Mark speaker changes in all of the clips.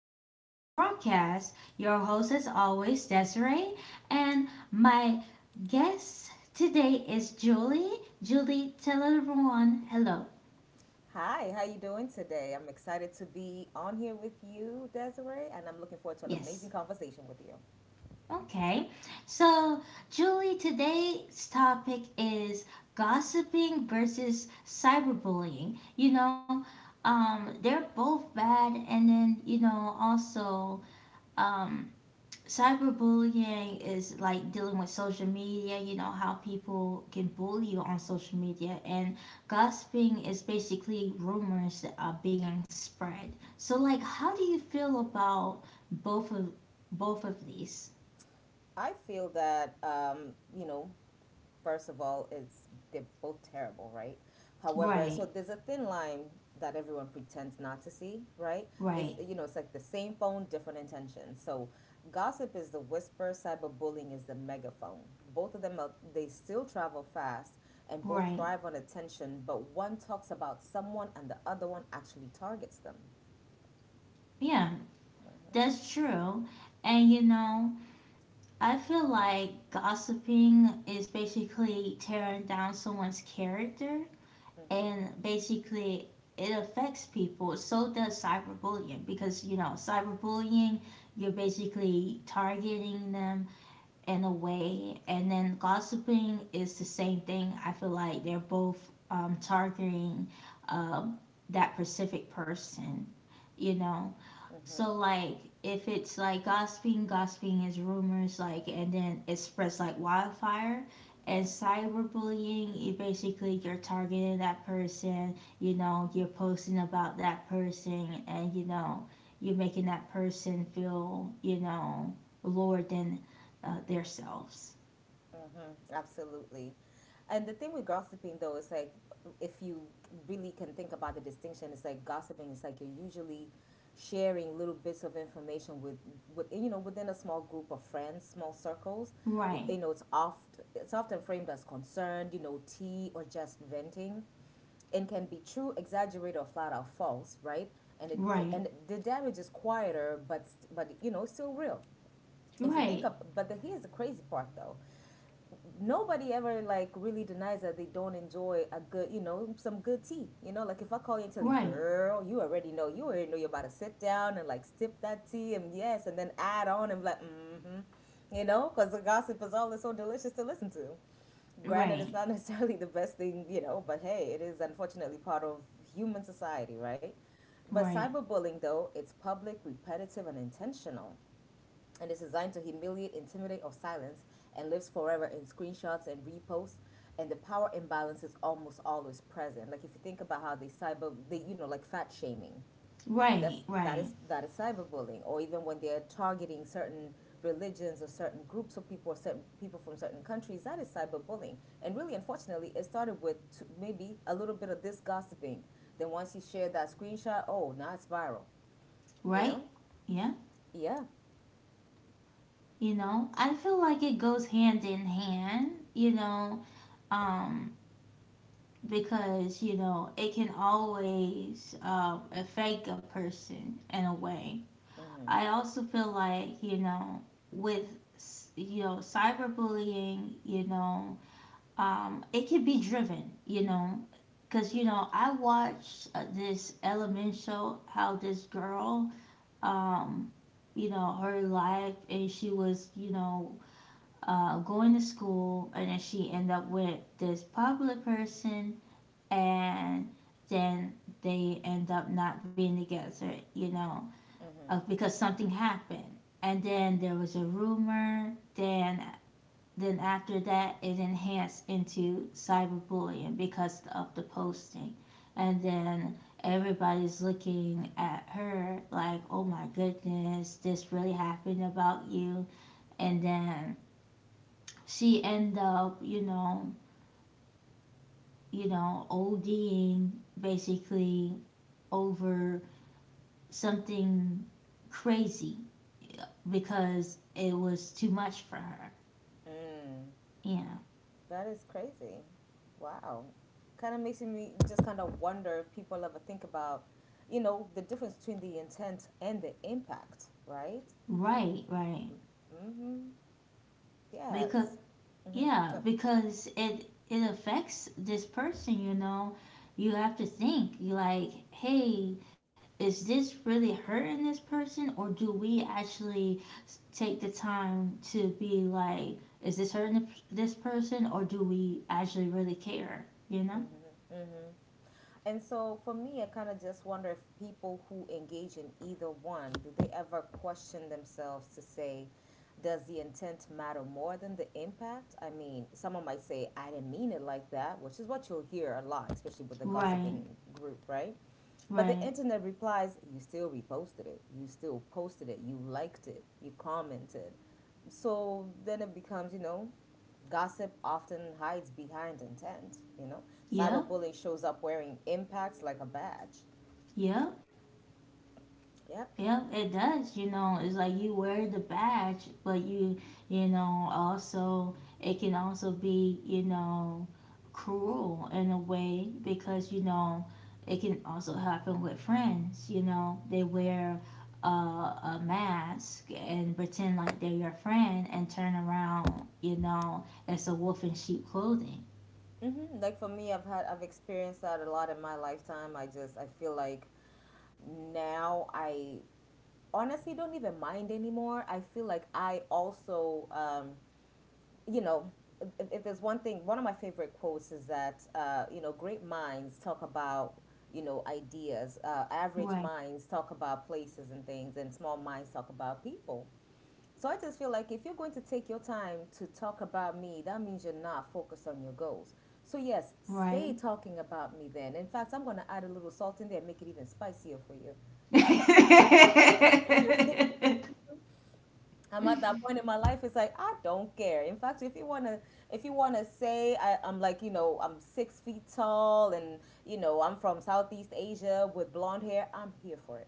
Speaker 1: Sunshine's broadcast. Your host, as always, Desiree, and my guest today is Julie. Julie, tell everyone hello.
Speaker 2: Hi, how you doing today? I'm excited to be on here with you, Desiree, and I'm looking forward to an
Speaker 1: Yes.
Speaker 2: amazing conversation with you.
Speaker 1: Okay. So, Julie, today's topic is gossiping versus cyberbullying. You know, they're both bad, and then, you know, also, um, cyberbullying is like dealing with social media. You know how people can bully you on social media, and gossiping is basically rumors that are being spread. So like, how do you feel about both of both of these?
Speaker 2: I feel that you know, first of all, it's they're both terrible, right? However,
Speaker 1: Right.
Speaker 2: so there's a thin line that everyone pretends not to see, right? This,
Speaker 1: Right.
Speaker 2: you know, it's like the same phone, different intentions. So, gossip is the whisper, cyberbullying is the megaphone. Both of them, are, they still travel fast, and both
Speaker 1: Right.
Speaker 2: thrive on attention. But one talks about someone, and the other one actually targets them.
Speaker 1: Yeah, that's true. And you know, I feel like gossiping is basically tearing down someone's character,
Speaker 2: Mm-hmm.
Speaker 1: and basically it affects people. So does cyberbullying, because you know cyberbullying, you're basically targeting them in a way, and then gossiping is the same thing. I feel like they're both targeting um, that specific person, you know. So
Speaker 2: Mm-hmm.
Speaker 1: like, if it's like gossiping, gossiping is rumors, like, and then it spreads like wildfire. And cyberbullying, you basically, you're targeting that person, you know, you're posting about that person, and you know, you're making that person feel, you know, lower than themselves.
Speaker 2: Mm-hmm, absolutely. And the thing with gossiping though is like if you really can think about the distinction, it's like gossiping is like you're usually sharing little bits of information with you know within a small group of friends, small circles. Y-
Speaker 1: Right.
Speaker 2: You know, it's often framed as concerned, you know, tea or just venting and can be true, exaggerated, or flat out false, right? And it
Speaker 1: Right.
Speaker 2: and the damage is quieter, but you know, it's still real. If you think
Speaker 1: Right.
Speaker 2: of, but the, Here's the crazy part though, nobody ever like really denies that they don't enjoy a good, you know, some good tea. You know, like if I call you and tell you,
Speaker 1: Right.
Speaker 2: girl, you already know you're about to sit down and like sip that tea and yes, and then add on and be like, mm-hmm, you know, because the gossip is always so delicious to listen to. Granted, it's
Speaker 1: Right.
Speaker 2: not necessarily the best thing, you know, but hey, it is unfortunately part of human society, right?
Speaker 1: Right.
Speaker 2: But
Speaker 1: Right.
Speaker 2: cyberbullying, though, it's public, repetitive, and intentional and is designed to humiliate, intimidate, or silence, and lives forever in screenshots and reposts. And the power imbalance is almost always present. Like if you think about how they you know like fat shaming.
Speaker 1: Right. Right.
Speaker 2: That is cyberbullying, or even when they are targeting certain religions or certain groups of people, or certain people from certain countries. That is cyberbullying, and really, unfortunately, it started with maybe a little bit of this gossiping. Then once you share that screenshot, oh, now it's viral. You
Speaker 1: Right.
Speaker 2: know?
Speaker 1: Yeah.
Speaker 2: Yeah.
Speaker 1: You know, I feel like it goes hand in hand, you know. um because you know, it can always affect a person in a way. I also feel like, you know, with, you know, cyberbullying, you know, it can be driven, you know, because you know, I watched this element show how this girl, um you know, her life, and she was, you know, going to school, and then she end up with this popular person, and then they end up not being together, you know, because something happened. And then there was a rumor. Then after that, it enhanced into cyberbullying because of the posting, and then everybody's looking at her like, oh my goodness, this really happened about you, and then she end up, you know, ODing basically over something crazy because it was too much for her.
Speaker 2: Mhm.
Speaker 1: Yeah.
Speaker 2: That is crazy. Wow. Kind of makes me just kind of wonder if people ever think about, you know, the difference between the intent and the impact, right?
Speaker 1: Right, right. Because,
Speaker 2: Yes. Mm-hmm.
Speaker 1: yeah, because it affects this person, you know. You have to think, you like, hey, is this really hurting this person, or do we actually take the time to be like, is this hurting this person, or do we actually really care, you know?
Speaker 2: And so for me, I kind of just wonder if people who engage in either one, do they ever question themselves to say, does the intent matter more than the impact? I mean, someone might say, I didn't mean it like that, which is what you'll hear a lot, especially with the
Speaker 1: Right.
Speaker 2: gossiping group, right? But the
Speaker 1: Right.
Speaker 2: internet replies, you still reposted it, you still posted it, you liked it, you commented. So then it becomes, you know, gossip often hides behind intent, you know.
Speaker 1: Yep.
Speaker 2: Cyberbullying shows up wearing impacts like a badge.
Speaker 1: Yep.
Speaker 2: Yep.
Speaker 1: Yep, it does. You know, it's like you wear the badge, but you know, also, it can also be, you know, cruel in a way, because, you know, it can also happen with friends. You know, they wear a mask and pretend like they're your friend and turn around. You know, it's a wolf in sheep clothing.
Speaker 2: Hmm. Like for me, I've experienced that a lot in my lifetime. I feel like now I honestly don't even mind anymore. I feel like I also you know, if there's one thing, one of my favorite quotes is that, you know, great minds talk about, you know, ideas. Average
Speaker 1: Right,
Speaker 2: minds talk about places and things, and small minds talk about people. So I just feel like if you're going to take your time to talk about me, that means you're not focused on your goals. So yes,
Speaker 1: right.
Speaker 2: stay talking about me then. In fact, I'm going to add a little salt in there and make it even spicier for you. I'm at that point in my life. It's like I don't care. In fact, if you wanna I'm like you know I'm 6 feet tall and you know I'm from Southeast Asia with blonde hair, I'm here for it.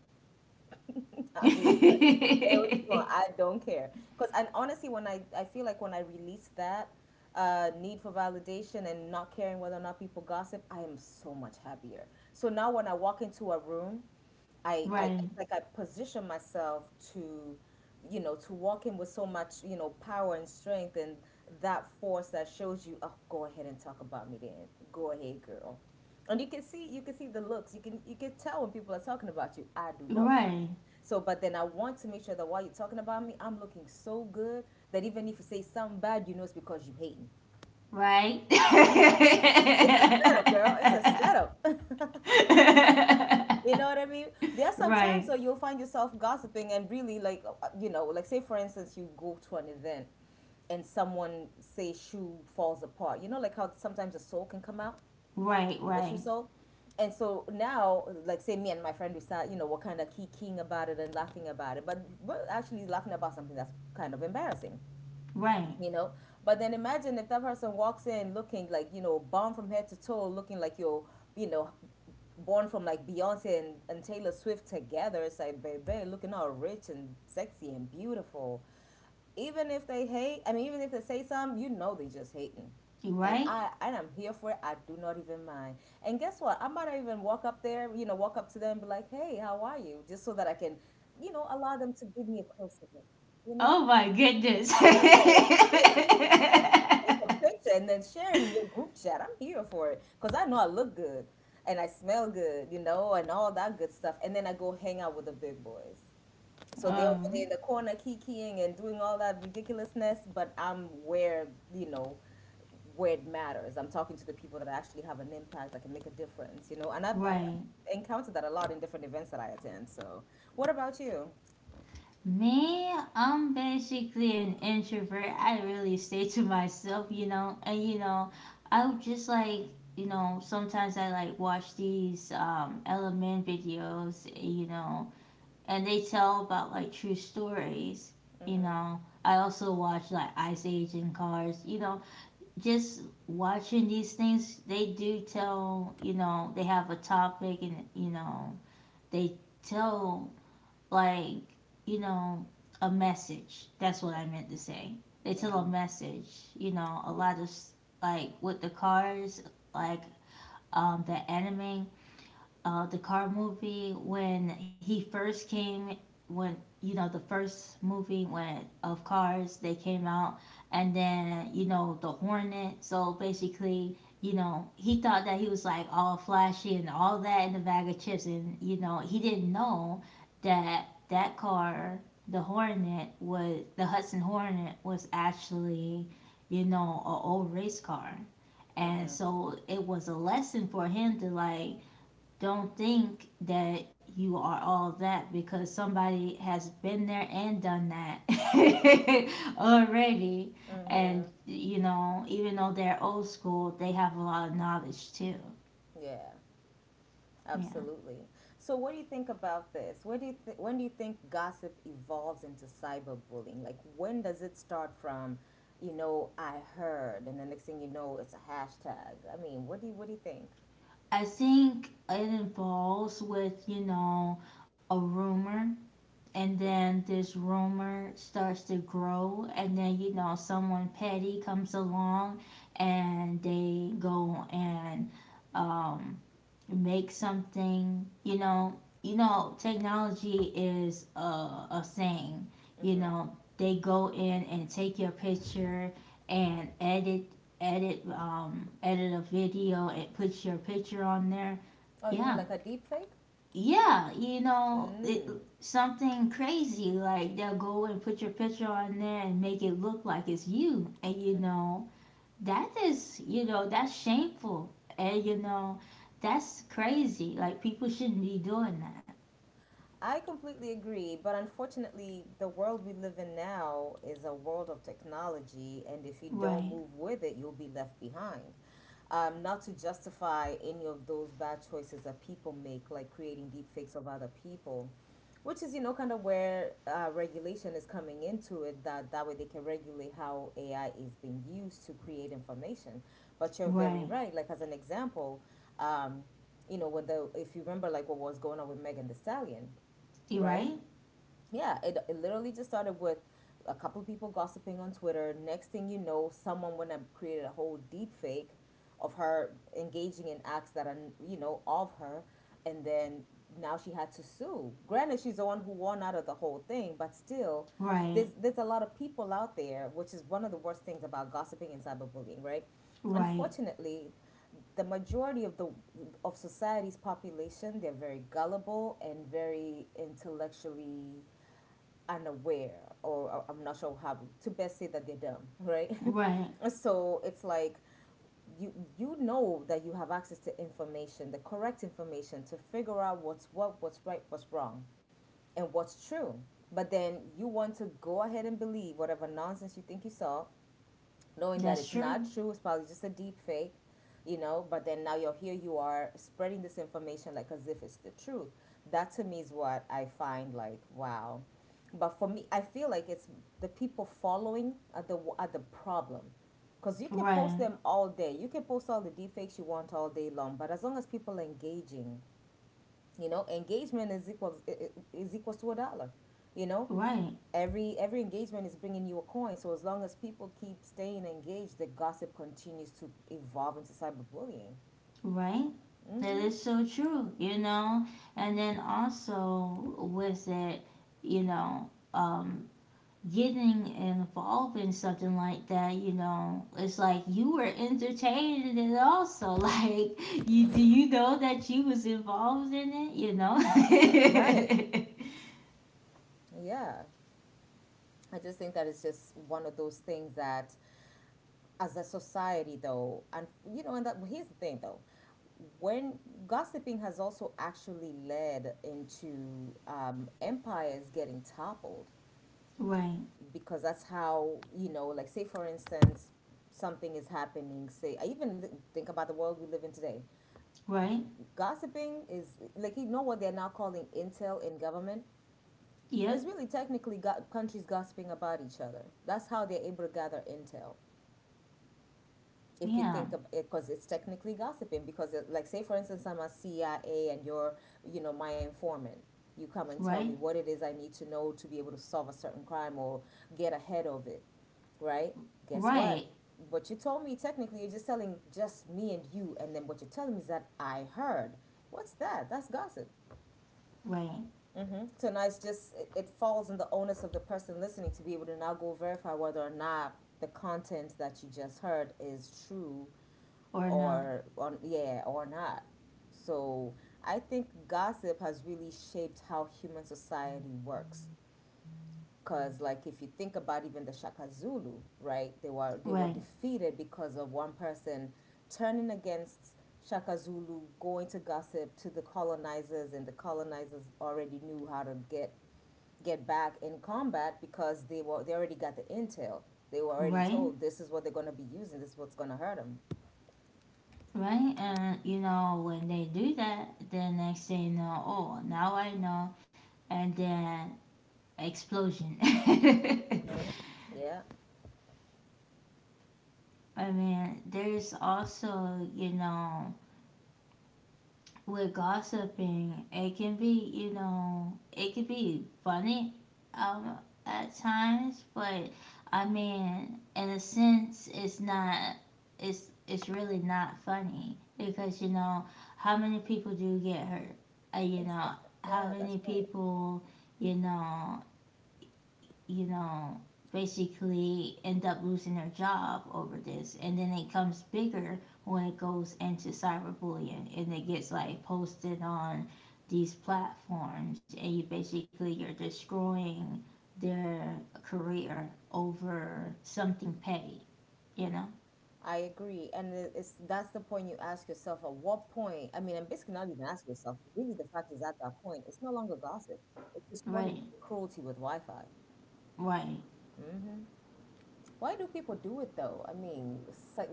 Speaker 2: I'm here. For it. Say what you want. I don't care. Because and Honestly, when I feel like when I release that need for validation and not caring whether or not people gossip, I am so much happier. So now when I walk into a room, I
Speaker 1: Right,
Speaker 2: it's like I position myself to you know to walk in with so much you know power and strength and that force that shows you oh go ahead and talk about me then, go ahead girl, and you can see the looks, you can tell when people are talking about you. I do not mind.
Speaker 1: right,
Speaker 2: So, but then I want to make sure that while you're talking about me, I'm looking so good that even if you say something bad, you know it's because you hate me.
Speaker 1: right.
Speaker 2: It's a setup, girl. It's a setup. You know what I mean? There are
Speaker 1: right,
Speaker 2: some
Speaker 1: right,
Speaker 2: times where you'll find yourself gossiping and really like, you know, like say for instance, you go to an event and someone say shoe falls apart. You know, like how sometimes a sole can come out,
Speaker 1: right,
Speaker 2: a shoe sole. And so now, like say me and my friend, we start, you know, we're kind of kicking about it and laughing about it, but we're actually laughing about something that's kind of embarrassing.
Speaker 1: right,
Speaker 2: You know, but then imagine if that person walks in looking like you know bomb from head to toe, looking like you're you know born from like Beyonce and Taylor Swift together. It's like baby looking all rich and sexy and beautiful. Even if they hate I mean even if they say something, you know they just hating.
Speaker 1: right.
Speaker 2: And I'm here for it. I do not even mind. And guess what? I might not even walk up there, you know, walk up to them and be like, "Hey, how are you?" Just so that I can, you know, allow them to give me a closer look. You know?
Speaker 1: Oh my goodness.
Speaker 2: Yes, take a look. If you take a picture and then share it in your group chat, I'm here for it because I know I look good and I smell good, you know, and all that good stuff. And then I go hang out with the big boys. So they're over there
Speaker 1: um,
Speaker 2: in the corner kikiing and doing all that ridiculousness, but I'm where, you know, where it matters. I'm talking to the people that actually have an impact, that can make a difference, you know. And
Speaker 1: right.
Speaker 2: I've encountered that a lot in different events that I attend. So, what about you?
Speaker 1: Me, I'm basically an introvert. I really stay to myself, you know. And you know, I would just like, you know, sometimes I like watch these element videos, you know, and they tell about like true stories, you know. I also watch like Ice Age and Cars, you know. Just watching these things, they do tell, you know, they have a topic, and you know, they tell like, you know, a message. That's what I meant to say. They tell a
Speaker 2: Mm-hmm.
Speaker 1: message. You know, a lot of like with the cars, like, the anime, the car movie, when you know, the first movie when of cars they came out, and then you know, the hornet. So basically, you know, he thought that he was like all flashy and all that, in the bag of chips, and you know, he didn't know that that car, the hornet, was, the Hudson Hornet was actually, you know, a old race car. And
Speaker 2: Mm-hmm.
Speaker 1: so it was a lesson for him to like, don't think that you are all that, because somebody has been there and done that already. And,
Speaker 2: Mm-hmm.
Speaker 1: you know, even though they're old school, they have a lot of knowledge too.
Speaker 2: Yeah.
Speaker 1: Yeah.
Speaker 2: Absolutely. So, what do you think about this? What do you th- When do you think gossip evolves into cyberbullying? Like, when does it start from, you know, I heard, and the next thing you know, it's a hashtag? I mean, what do you think?
Speaker 1: I think it involves with, you know, a rumor, and
Speaker 2: Mm.
Speaker 1: then this rumor starts to grow, and then you know, someone petty comes along, and they go and um make something. You know, you know, technology is a saying, you
Speaker 2: Mm-hmm.
Speaker 1: know, they go in and take your picture and edit a video and put your picture on there.
Speaker 2: Oh, you mean
Speaker 1: Yeah.
Speaker 2: like a deep fake?
Speaker 1: Yeah, you know it,
Speaker 2: Mm.
Speaker 1: something crazy, like they'll go and put your picture on there and make it look like it's you, and you
Speaker 2: Mm-hmm.
Speaker 1: know, that is, you know, that's shameful. And you know, that's crazy, like people shouldn't be doing that.
Speaker 2: I completely agree, but unfortunately, the world we live in now is a world of technology, and if you don't
Speaker 1: Right.
Speaker 2: move with it, you'll be left behind. Not to justify any of those bad choices that people make, like creating deepfakes of other people, which is, you know, kind of where regulation is coming into it, that that way they can regulate how AI is being used to create information. But you're
Speaker 1: right
Speaker 2: very right. Like, as an example, um, you know, if you remember, like what was going on with Megan the Stallion,
Speaker 1: you
Speaker 2: right?
Speaker 1: right.
Speaker 2: Yeah, it literally just started with a couple of people gossiping on Twitter. Next thing you know, someone went and created a whole deep fake of her engaging in acts that are, you know, of her. And then now she had to sue. Granted, she's the one who won out of the whole thing, but still,
Speaker 1: Right.
Speaker 2: there's a lot of people out there, which is one of the worst things about gossiping and cyberbullying, right?
Speaker 1: Right.
Speaker 2: Unfortunately, the majority of the of society's population they're very gullible and very intellectually unaware, or I'm not sure how to best say that they're dumb, right?
Speaker 1: Right.
Speaker 2: So it's like you know that you have access to information, the correct information to figure out what's right, what's wrong, and what's true. But then you want to go ahead and believe whatever nonsense you think you saw, knowing that
Speaker 1: That's
Speaker 2: it's
Speaker 1: true.
Speaker 2: not true, it's probably just a deep fake. You know, but then now you're here, you are spreading this information like as if it's the truth. That to me is what I find, like, wow. But for me, I feel like it's the people following at the problem, because you can post
Speaker 1: Right.
Speaker 2: them all day, you can post all the defects you want all day long, but as long as people are engaging, you know, engagement is equals to a dollar, you know.
Speaker 1: Right.
Speaker 2: Every engagement is bringing you a coin. So as long as people keep staying engaged, the gossip continues to evolve into cyberbullying.
Speaker 1: Right. That is so true, you know. And then also with it, you know, getting involved in something like that, you know, it's like you were entertained in it also. Like, you do, you know, that you was involved in it, you know?
Speaker 2: Right. Yeah, I just think that it's just one of those things that as a society though, and you know, and that, here's the thing though, when gossiping has also actually led into empires getting toppled,
Speaker 1: right.
Speaker 2: because that's how, you know, like say for instance, something is happening. Say, I even think about the world we live in today.
Speaker 1: Right.
Speaker 2: Gossiping is, like, you know what they're now calling intel in government.
Speaker 1: Yep.
Speaker 2: It's really technically countries gossiping about each other. That's how they're able to gather intel. If you
Speaker 1: Yeah.
Speaker 2: think of it, because it's technically gossiping. Because it, like say for instance, I'm a CIA and you're, you know, my informant. You come and tell me
Speaker 1: Right.
Speaker 2: what it is I need to know to be able to solve a certain crime or get ahead of it, right? Guess what?
Speaker 1: Right.
Speaker 2: What you told me, technically, you're just telling just me and you, and then what you're telling me is that I heard. What's that? That's gossip.
Speaker 1: Right.
Speaker 2: Mm-hmm. So now it's just it, it falls on the onus of the person listening to be able to now go verify whether or not the content that you just heard is true
Speaker 1: Or not.
Speaker 2: or on, yeah, or not. So I think gossip has really shaped how human society works. 'Cause like, if you think about even the Shaka Zulu, right? They were
Speaker 1: Right.
Speaker 2: defeated because of one person turning against Shaka Zulu, going to gossip to the colonizers, and the colonizers already knew how to get back in combat because they already got the intel. They were already
Speaker 1: Right.
Speaker 2: told, this is what they're going to be using. This is what's going to hurt them.
Speaker 1: Right. And you know, when they do that, then next thing you know, oh, now I know, and then explosion.
Speaker 2: Yeah,
Speaker 1: I mean, there's also, you know, with gossiping, it can be, you know, it can be funny um, at times, but I mean, in a sense, it's not, it's really not funny because, you know, how many people do get hurt? You know,
Speaker 2: exactly.
Speaker 1: how
Speaker 2: Yeah, that's
Speaker 1: many
Speaker 2: right.
Speaker 1: people, you know, you know, basically end up losing their job over this. And then it comes bigger when it goes into cyberbullying, and it gets like posted on these platforms, and you basically, you're destroying their career over something petty, you know?
Speaker 2: I agree, and it's, that's the point, you ask yourself. At what point? I mean, and basically not even ask yourself. Really, the fact is, at that point, it's no longer gossip. It's just
Speaker 1: Right,
Speaker 2: cruelty with Wi-Fi.
Speaker 1: right,
Speaker 2: Why do people do it though? I mean, so,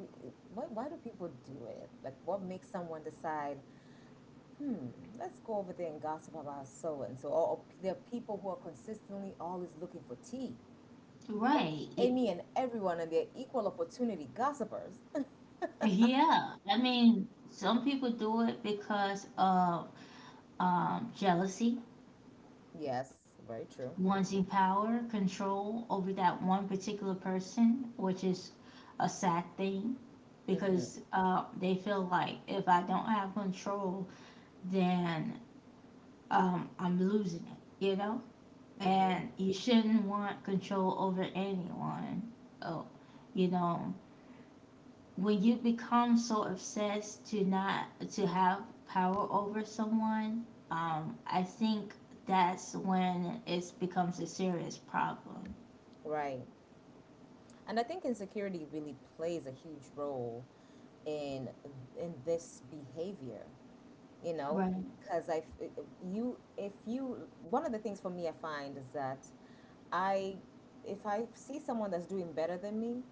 Speaker 2: why do people do it? Like, what makes someone decide? Let's go over there and gossip about so and so. Or, there are people who are consistently always looking for tea. Or
Speaker 1: right. Y-.
Speaker 2: any and everyone, and they're equal opportunity gossipers.
Speaker 1: Yeah. I mean, some people do it because of jealousy,
Speaker 2: Yes, very true.
Speaker 1: wanting power, control over that one particular person, which is a sad thing,
Speaker 2: Mm-hmm.
Speaker 1: because they feel like, if I don't have control, then I'm losing it, you know?
Speaker 2: Mm-hmm.
Speaker 1: And you shouldn't want control over anyone. Oh, you know, when you become so obsessed to not to have power over someone, I think that's when it becomes a serious problem.
Speaker 2: Right. And I think insecurity really plays a huge role in in this behavior. You know,
Speaker 1: Right,
Speaker 2: because you, if you, one of the things for me I find is that, I, if I see someone that's doing better than me,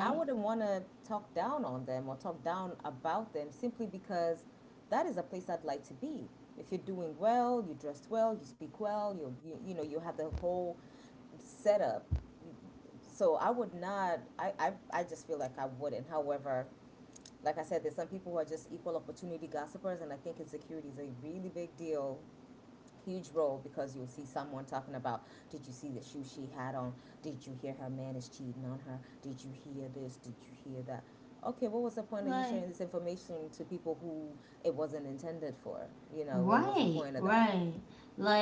Speaker 2: I wouldn't want to talk down on them or talk down about them, simply because that is a place I'd like to be. If you're doing well, you dressed well, you speak well, you, you know, you have the whole setup. You, so I would not. I just feel like I wouldn't. However, like I said, there's some people who are just equal opportunity gossipers, and I think insecurity is a really big deal, huge role, because you'll see someone talking about, did you see the shoe she had on? Did you hear her man is cheating on her? Did you hear this? Did you hear that? Okay, what was the point of you
Speaker 1: Like,
Speaker 2: sharing this information to people who it wasn't intended for? You know, what was the
Speaker 1: right,
Speaker 2: point of that?
Speaker 1: right.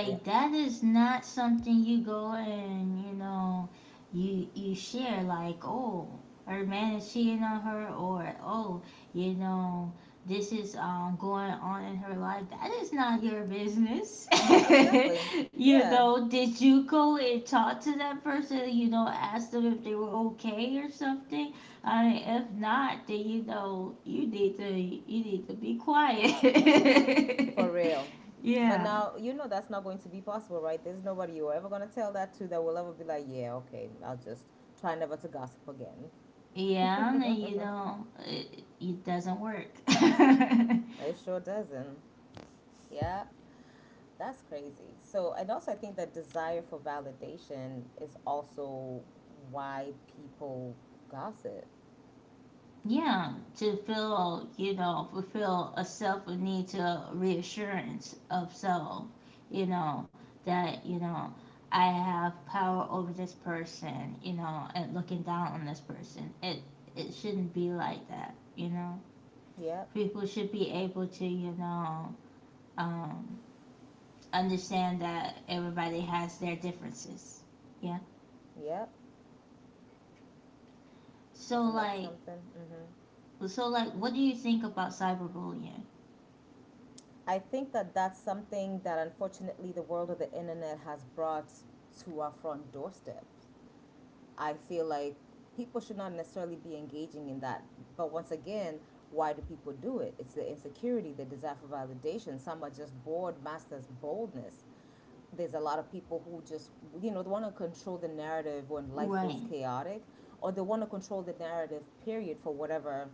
Speaker 2: Yeah,
Speaker 1: that is not something you go and, you know, you share like, oh, her man is cheating on her, or oh, you know, this is going on in her life. That is not your business.
Speaker 2: exactly.
Speaker 1: you
Speaker 2: Yeah,
Speaker 1: know, did you go and talk to that person, you know, ask them if they were okay or something? I mean, if not, then you know, you need to, you need to be quiet.
Speaker 2: for real. But
Speaker 1: yeah.
Speaker 2: now, you know that's not going to be possible. Right, there's nobody you're ever going to tell that to that will ever be like, yeah, okay, I'll just try never to gossip again.
Speaker 1: Yeah, and you know, it doesn't work.
Speaker 2: It sure doesn't. Yeah. That's crazy. So, and also, I think that desire for validation is also why people gossip.
Speaker 1: yeah, to feel, you know, fulfill a self need to reassurance of self, you know, that, you know, I have power over this person, you know, and looking down on this person. It shouldn't be like that, you know.
Speaker 2: Yep,
Speaker 1: People should be able to, you know, um, understand that everybody has their differences. Yeah.
Speaker 2: yep.
Speaker 1: So
Speaker 2: Isn't that
Speaker 1: like,
Speaker 2: something? Hmm.
Speaker 1: so like, what do you think about cyberbullying?
Speaker 2: I think that that's something that unfortunately the world of the internet has brought to our front doorsteps. I feel like people should not necessarily be engaging in that. But once again, why do people do it? It's the insecurity, the desire for validation. Some are just bored, masters boldness. There's a lot of people who just, you know, they want to control the narrative when life feels
Speaker 1: Right.
Speaker 2: chaotic, or they want to control the narrative period for whatever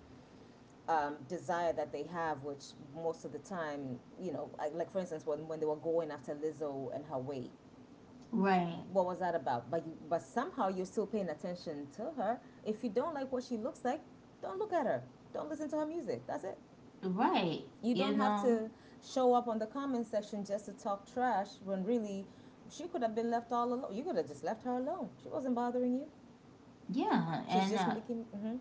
Speaker 2: desire that they have, which most of the time, you know, like for instance, when they were going after Lizzo and her weight,
Speaker 1: Right.
Speaker 2: what was that about? But you, but somehow you're still paying attention to her. If you don't like what she looks like, don't look at her. Don't listen to her music. That's it.
Speaker 1: Right.
Speaker 2: You don't
Speaker 1: You
Speaker 2: have
Speaker 1: know.
Speaker 2: to show up on the comment section just to talk trash, when really she could have been left all alone. You could have just left her alone. She wasn't bothering you.
Speaker 1: Yeah.
Speaker 2: She's
Speaker 1: And
Speaker 2: just making. Hmm.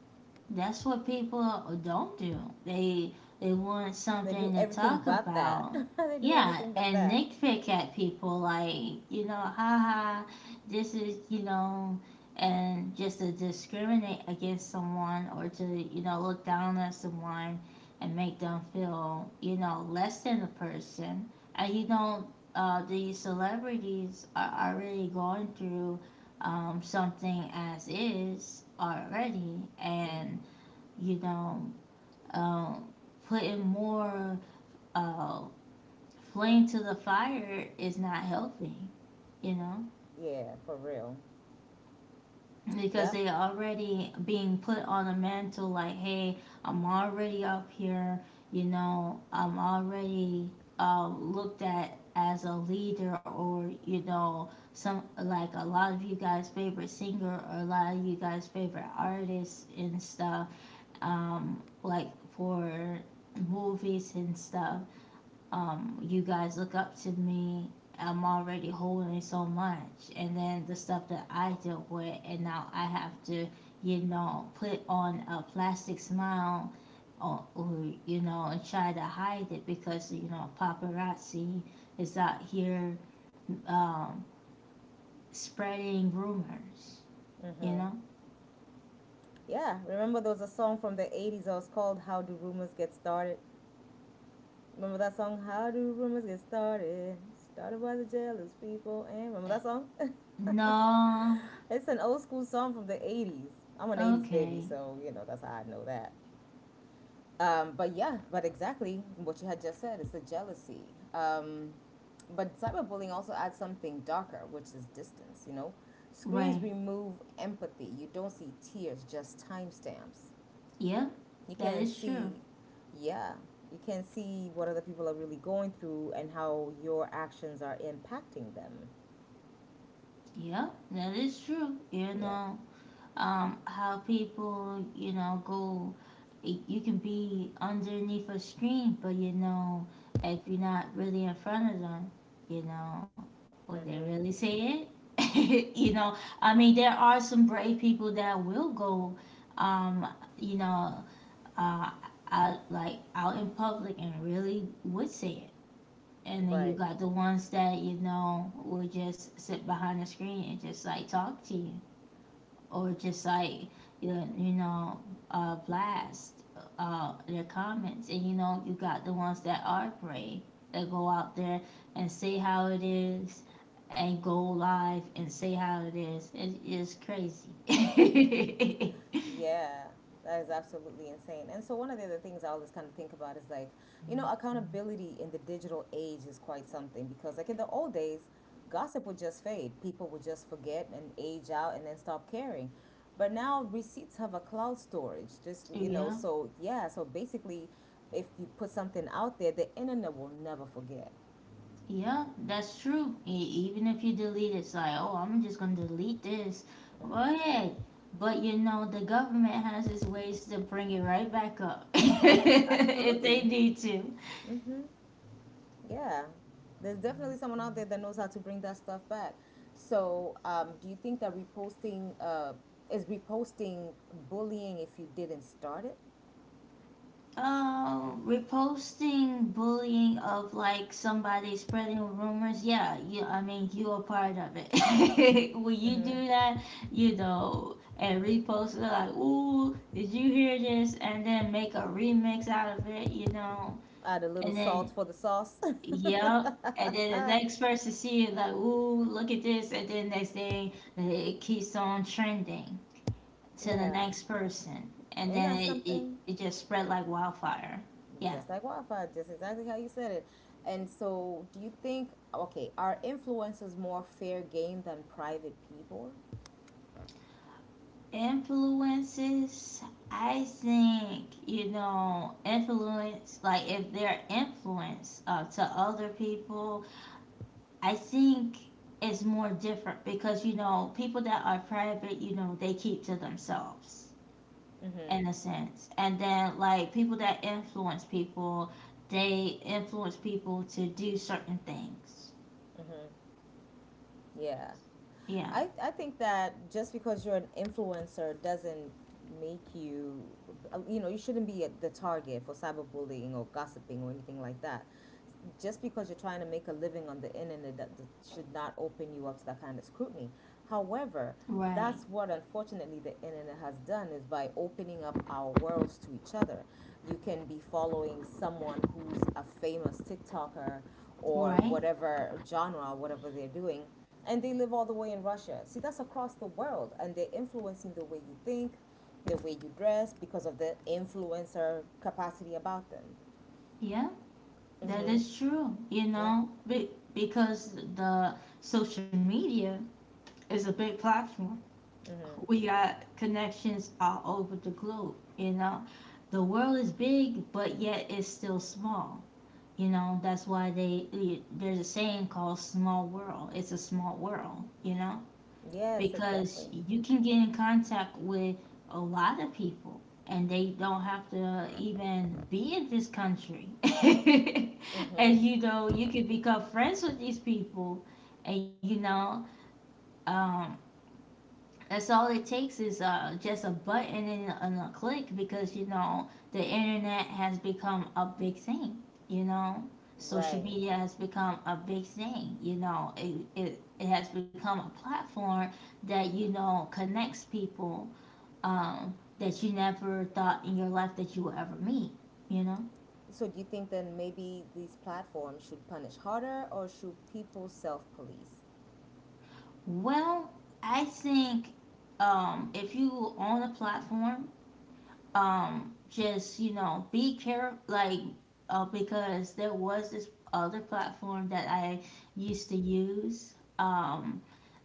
Speaker 1: that's what people don't do. They they want
Speaker 2: They do
Speaker 1: something to
Speaker 2: everything
Speaker 1: talk
Speaker 2: but that.
Speaker 1: about.
Speaker 2: They do
Speaker 1: Yeah,
Speaker 2: everything but
Speaker 1: and
Speaker 2: that.
Speaker 1: nitpick at people like, you know, haha, this is, you know, and just to discriminate against someone, or to, you know, look down on someone and make them feel, you know, less than a person. And you know, these celebrities are already going through something as is already, and you know, um, putting more uh, flame to the fire is not helping, you know,
Speaker 2: Yeah, for real.
Speaker 1: because
Speaker 2: Yep.
Speaker 1: they already being put on a mantle like, hey, I'm already up here, you know, I'm already looked at as a leader, or you know, some, like a lot of you guys favorite singer, or a lot of you guys favorite artists and stuff, like for movies and stuff, you guys look up to me. I'm already holding so much, and then the stuff that I dealt with, and now I have to, you know, put on a plastic smile, or you know, and try to hide it, because you know, paparazzi is out here um, spreading rumors. You know,
Speaker 2: Yeah. Remember there was a song from the 80's that was called How Do Rumors Get Started? Remember that song? How Do Rumors Get Started? Started by the jealous people. And remember
Speaker 1: uh,
Speaker 2: that song?
Speaker 1: no,
Speaker 2: It's an old school song from the 80's. I'm an 80's baby,
Speaker 1: okay,
Speaker 2: so, you know, that's how I know that. But yeah, but exactly what you had just said is the jealousy. But cyberbullying also adds something darker, which is distance, you know? Screens
Speaker 1: right,
Speaker 2: remove empathy. You don't see tears, just timestamps.
Speaker 1: yep,
Speaker 2: You
Speaker 1: that
Speaker 2: can
Speaker 1: is true.
Speaker 2: see, yeah, you can see what other people are really going through and how your actions are impacting them.
Speaker 1: Yep, that is true. You
Speaker 2: Yeah,
Speaker 1: know, how people, you know, go. Y-, you can be underneath a screen, but you know, if you're not really in front of them, you know, would they really say it? you know, I mean, there are some brave people that will go, um, you know, uh, out, like out in public, and really would say it. And then you
Speaker 2: right.
Speaker 1: got the ones that you know would just sit behind the screen and just like talk to you or just like you know, blast their comments. And you know, you got the ones that are brave that go out there and say how it is and go live and say how it is. It is crazy.
Speaker 2: Yeah, that is absolutely insane. And so, one of the other things I always kind of think about is like, you know, accountability in the digital age is quite something, because like in the old days, gossip would just fade. People would just forget and age out and then stop caring. But now receipts have a cloud storage. Just, you
Speaker 1: Yeah.
Speaker 2: know, so yeah, so basically, if you put something out there, the internet will never forget.
Speaker 1: Yeah, that's true. Even if you delete it, it's like, oh, I'm just gonna delete this. Go ahead. But you know, the government has its ways to bring it right back up if they
Speaker 2: Absolutely.
Speaker 1: need to.
Speaker 2: Yeah, there's definitely someone out there that knows how to bring that stuff back. So, do you think that reposting is reposting bullying if you didn't start it?
Speaker 1: Reposting bullying of like somebody spreading rumors. Yeah, you, I mean, you are part of it. When you do that, you know, and repost it like, ooh, did you hear this? And then make a remix out of it, you know,
Speaker 2: Add a little
Speaker 1: and then
Speaker 2: salt for the sauce.
Speaker 1: yep. And then the next person see it like, ooh, look at this. And then next thing, like, it keeps on trending to the
Speaker 2: Yeah,
Speaker 1: next person. And
Speaker 2: ain't
Speaker 1: then
Speaker 2: that
Speaker 1: it, it,
Speaker 2: something?
Speaker 1: it just spread like wildfire. Yeah.
Speaker 2: Just like wildfire, just exactly how you said it. And so, do you think, okay, are influencers more fair game than private people?
Speaker 1: Influences, I think, you know, influence, like if they're influence to other people, I think it's more different because, you know, people that are private, you know, they keep to themselves in a sense. And then like people that influence people, they influence people to do certain things.
Speaker 2: Yeah.
Speaker 1: Yeah.
Speaker 2: I think that just because you're an influencer doesn't make you, you know, you shouldn't be at the target for cyberbullying or gossiping or anything like that. Just because you're trying to make a living on the internet, that should not open you up to that kind of scrutiny. However,
Speaker 1: Right.
Speaker 2: that's what unfortunately the internet has done is by opening up our worlds to each other. You can be following someone who's a famous TikToker, or
Speaker 1: Right.
Speaker 2: whatever genre, whatever they're doing, and they live all the way in Russia. See, that's across the world, and they're influencing the way you think, the way you dress, because of the influencer capacity about them.
Speaker 1: Yeah. That is true. You
Speaker 2: Yeah.
Speaker 1: know, because the social media is a big platform.
Speaker 2: Mm-hmm.
Speaker 1: We got connections all over the globe. You know, the world is big, but yet it's still small. You know, that's why they there's a saying called "small world." It's a small world. You know,
Speaker 2: Yes,
Speaker 1: because
Speaker 2: exactly.
Speaker 1: you can get in contact with a lot of people and they don't have to even be in this country. And
Speaker 2: Mm-hmm.
Speaker 1: you know, you can become friends with these people and um, that's all it takes is just a button and a click because you know the internet has become a big thing. You know, social
Speaker 2: Right.
Speaker 1: media has become a big thing. You know, it has become a platform that you know connects people, that you never thought in your life that you would ever meet. You know,
Speaker 2: So, do you think then maybe these platforms should punish harder, or should people self-police?
Speaker 1: well, I think if you own a platform, just you know be careful like because there was this other platform that I used to use um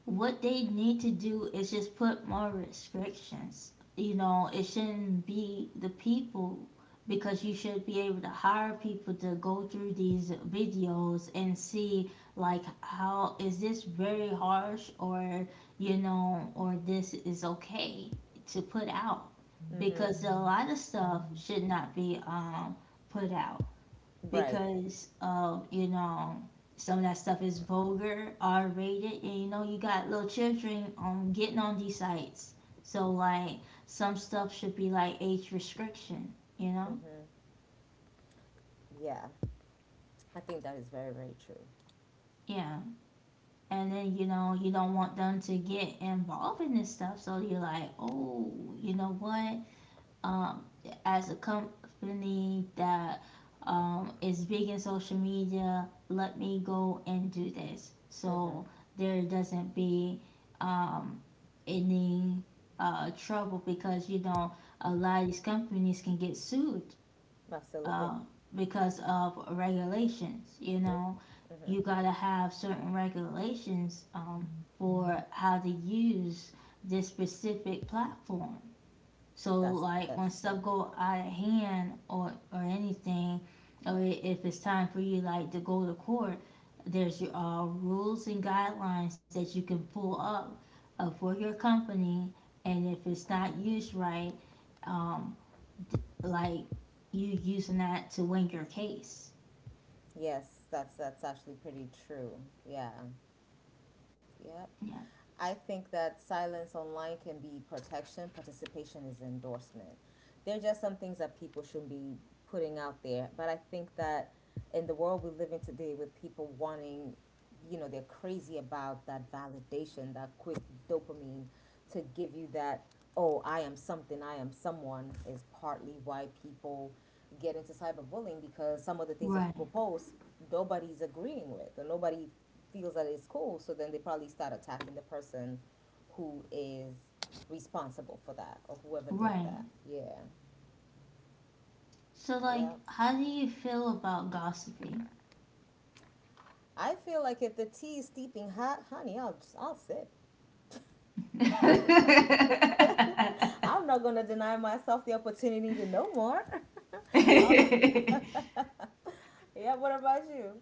Speaker 1: what they need to do is just put more restrictions. You know, it shouldn't be the people because you should be able to hire people to go through these videos and see like how is this very harsh or you know or this is okay to put out because
Speaker 2: Mm-hmm.
Speaker 1: a lot of stuff should not be put out
Speaker 2: Right.
Speaker 1: because of you know some of that stuff is vulgar, R rated, and you know you got little children getting on these sites. So like some stuff should be like age restriction, you know?
Speaker 2: Mm-hmm. Yeah, I think that is very, very true.
Speaker 1: Yeah. And then you know you don't want them to get involved in this stuff, so you're like, oh, you know what? um, as a company that is big in social media, let me go and do this.
Speaker 2: Mm-hmm.
Speaker 1: So there doesn't be um, any trouble because, you know, a lot of these companies can get sued
Speaker 2: Absolutely.
Speaker 1: uh, because of regulations. You know, you
Speaker 2: Mm-hmm.
Speaker 1: got to have certain regulations for how to use this specific platform. So
Speaker 2: That's
Speaker 1: like when
Speaker 2: that's true.
Speaker 1: stuff go out of hand or anything, or if it's time for you like to go to court, there's your rules and guidelines that you can pull up for your company, and if it's not used right, um, like you using that to win your case.
Speaker 2: Yes, that's actually pretty true. Yeah. Yeah.
Speaker 1: Yeah.
Speaker 2: I think that silence online can be protection, participation is endorsement. There are just some things that people should not be putting out there, but I think that in the world we live in today with people wanting, you know, they're crazy about that validation, that quick dopamine, to give you that, oh, I am something, I am someone, is partly why people get into cyberbullying, because some of the things that
Speaker 1: Right.
Speaker 2: people post, nobody's agreeing with, or nobody feels that it's cool, so then they probably start attacking the person who is responsible for that or whoever did
Speaker 1: Right.
Speaker 2: that. Yeah.
Speaker 1: So like,
Speaker 2: Yeah,
Speaker 1: how do you feel about gossiping?
Speaker 2: I feel like if the tea is steeping hot, honey, I'll just, I'll sip. I'm not gonna deny myself the opportunity to know more. Yeah, what about you?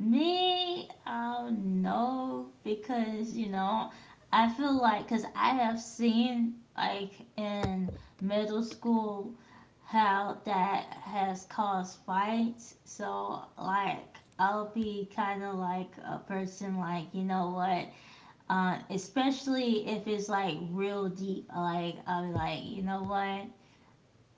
Speaker 1: Me, I oh know because you know, I feel like because I have seen like in middle school how that has caused fights. So like I'll be kind of like a person like you know what, especially if it's like real deep. Like I'll be like you know what,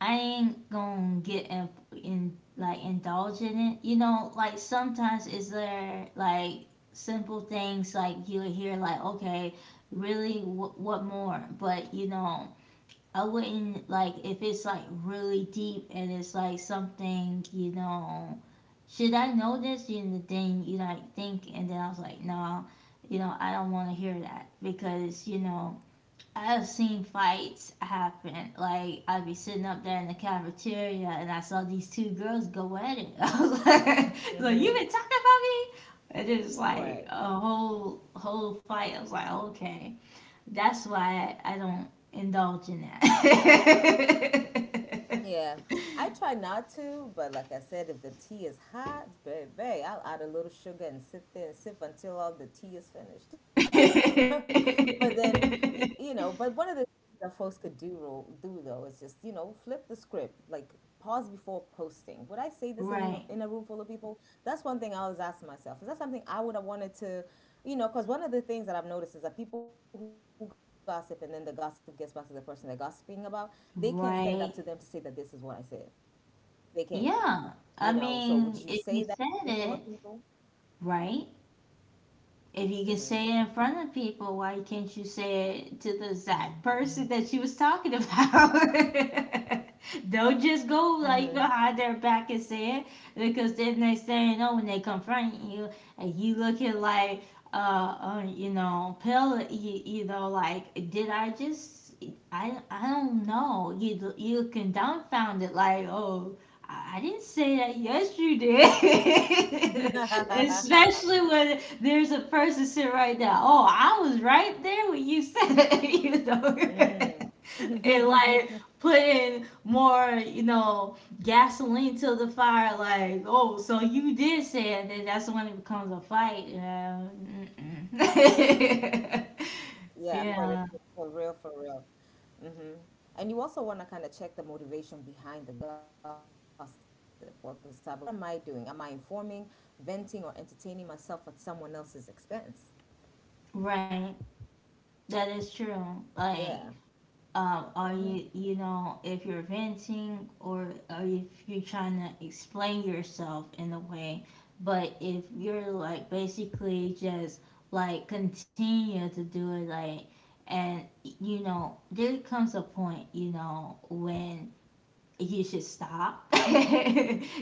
Speaker 1: I ain't gonna get in, like indulge in it. You know, like sometimes is there like simple things like you would hear like okay, really what more? But you know, I wouldn't like if it's like really deep and it's like something you know. Should I know this? And the thing you like think, and then I was like, no, you know, I don't want to hear that because you know I've seen fights happen. Like I'd be sitting up there in the cafeteria, and I saw these two girls go at it. I was like you been
Speaker 2: Mm-hmm.
Speaker 1: talking about me? And then it's like
Speaker 2: Right.
Speaker 1: a whole fight. I was like, okay, that's why I don't indulge in that.
Speaker 2: Yeah. I try not to, but like I said, if the tea is hot, baby, I'll add a little sugar and sit there and sip until all the tea is finished. But then, you know, but one of the things that folks could do, do though, is just, you know, flip the script. Like, pause before posting. Would I say this in
Speaker 1: Right,
Speaker 2: a room full of people? That's one thing I always ask myself. Is that something I would have wanted to, you know? Because one of the things that I've noticed is that people who gossip and then the gossip gets back to the person they're gossiping about, they can not stand up to them to say that this is
Speaker 1: right,
Speaker 2: what I said. They can, not.
Speaker 1: yeah.
Speaker 2: So would you
Speaker 1: I
Speaker 2: say that
Speaker 1: mean,
Speaker 2: in a room
Speaker 1: if
Speaker 2: full
Speaker 1: you
Speaker 2: of
Speaker 1: said
Speaker 2: people?
Speaker 1: it, right? If you can say it in front of people, why can't you say it to the exact person that she was talking about? Don't just go
Speaker 2: Mm-hmm.
Speaker 1: like behind their back and say it because then next thing you know, when they confront you, and you looking like, uh, uh, you know, pill, you know, like, did I just, I don't know. You looking dumbfound like, oh, I didn't say that. Yes, you did. Especially when there's a person sitting right now. Oh, I was right there when you said it, you know, and like
Speaker 2: mm.
Speaker 1: putting more, you know, gasoline to the fire. Like, oh, so you did say it. Then that's when it becomes a fight. Yeah. Mm-mm.
Speaker 2: Yeah, for real,
Speaker 1: Yeah,
Speaker 2: for real, for real. Mm-hmm. And you also want to kind of check the motivation behind the gossip or the cyberbullying. Like, what am I doing? Am I informing, venting, or entertaining myself at someone else's expense?
Speaker 1: right. That is
Speaker 2: Yeah.
Speaker 1: true. Like are you you know if you're venting or if you're trying to explain yourself in a way but if you're like basically just like continue to do it like and you know there comes a point you know when you should stop.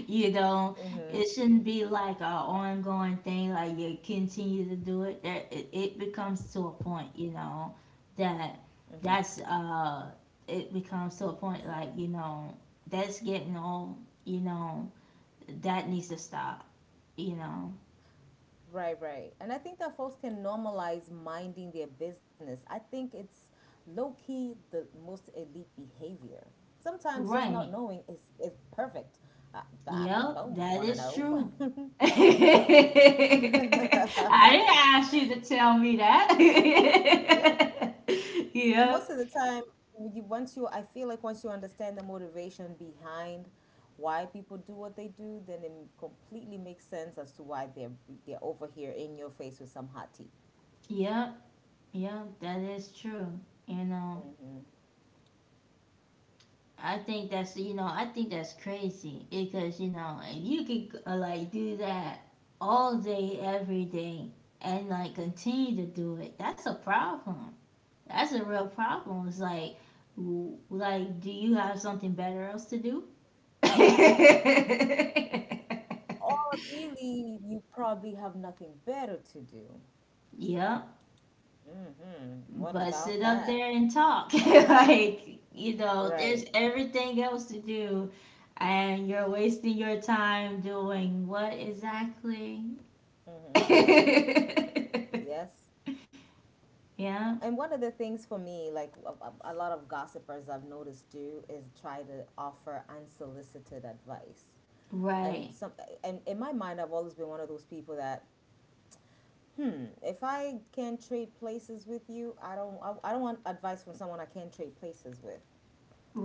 Speaker 1: You know,
Speaker 2: Mm-hmm.
Speaker 1: it shouldn't be like a ongoing thing. Like you continue to do it. That it becomes to a point. You know, that that's it becomes to a point. Like you know, that's getting old. You know, that needs to stop. You know,
Speaker 2: Right, right. And I think that folks can normalize minding their business. I think it's low key the most elite behavior. Sometimes just not
Speaker 1: right?
Speaker 2: knowing is perfect. I, I
Speaker 1: Yep,
Speaker 2: don't
Speaker 1: that
Speaker 2: want to
Speaker 1: is
Speaker 2: know.
Speaker 1: true. I didn't ask you to tell me that.
Speaker 2: And most
Speaker 1: Yep.
Speaker 2: of the time, you once you, I feel like once you understand the motivation behind why people do what they do, then it completely makes sense as to why they're over here in your face with some hot tea.
Speaker 1: Yep, yep, that is true. You know, I think that's you know I think that's crazy because you know if you could like do that all day every day and like continue to do it, that's a problem. That's a real problem. It's like, w- like, do you have something better else to do?
Speaker 2: Or really, you probably have nothing better to do.
Speaker 1: Yep,
Speaker 2: Mm-hmm. What
Speaker 1: but sit
Speaker 2: about
Speaker 1: up
Speaker 2: that?
Speaker 1: there and talk. Like, you know, there's
Speaker 2: Right.
Speaker 1: everything else to do, and you're wasting your time doing what exactly?
Speaker 2: Yes.
Speaker 1: Yeah,
Speaker 2: And one of the things for me, like a lot of gossipers I've noticed do, is try to offer unsolicited advice.
Speaker 1: right,
Speaker 2: and some and in my mind, I've always been one of those people that, if I can not trade places with you, I don't want advice from someone I can't trade places with.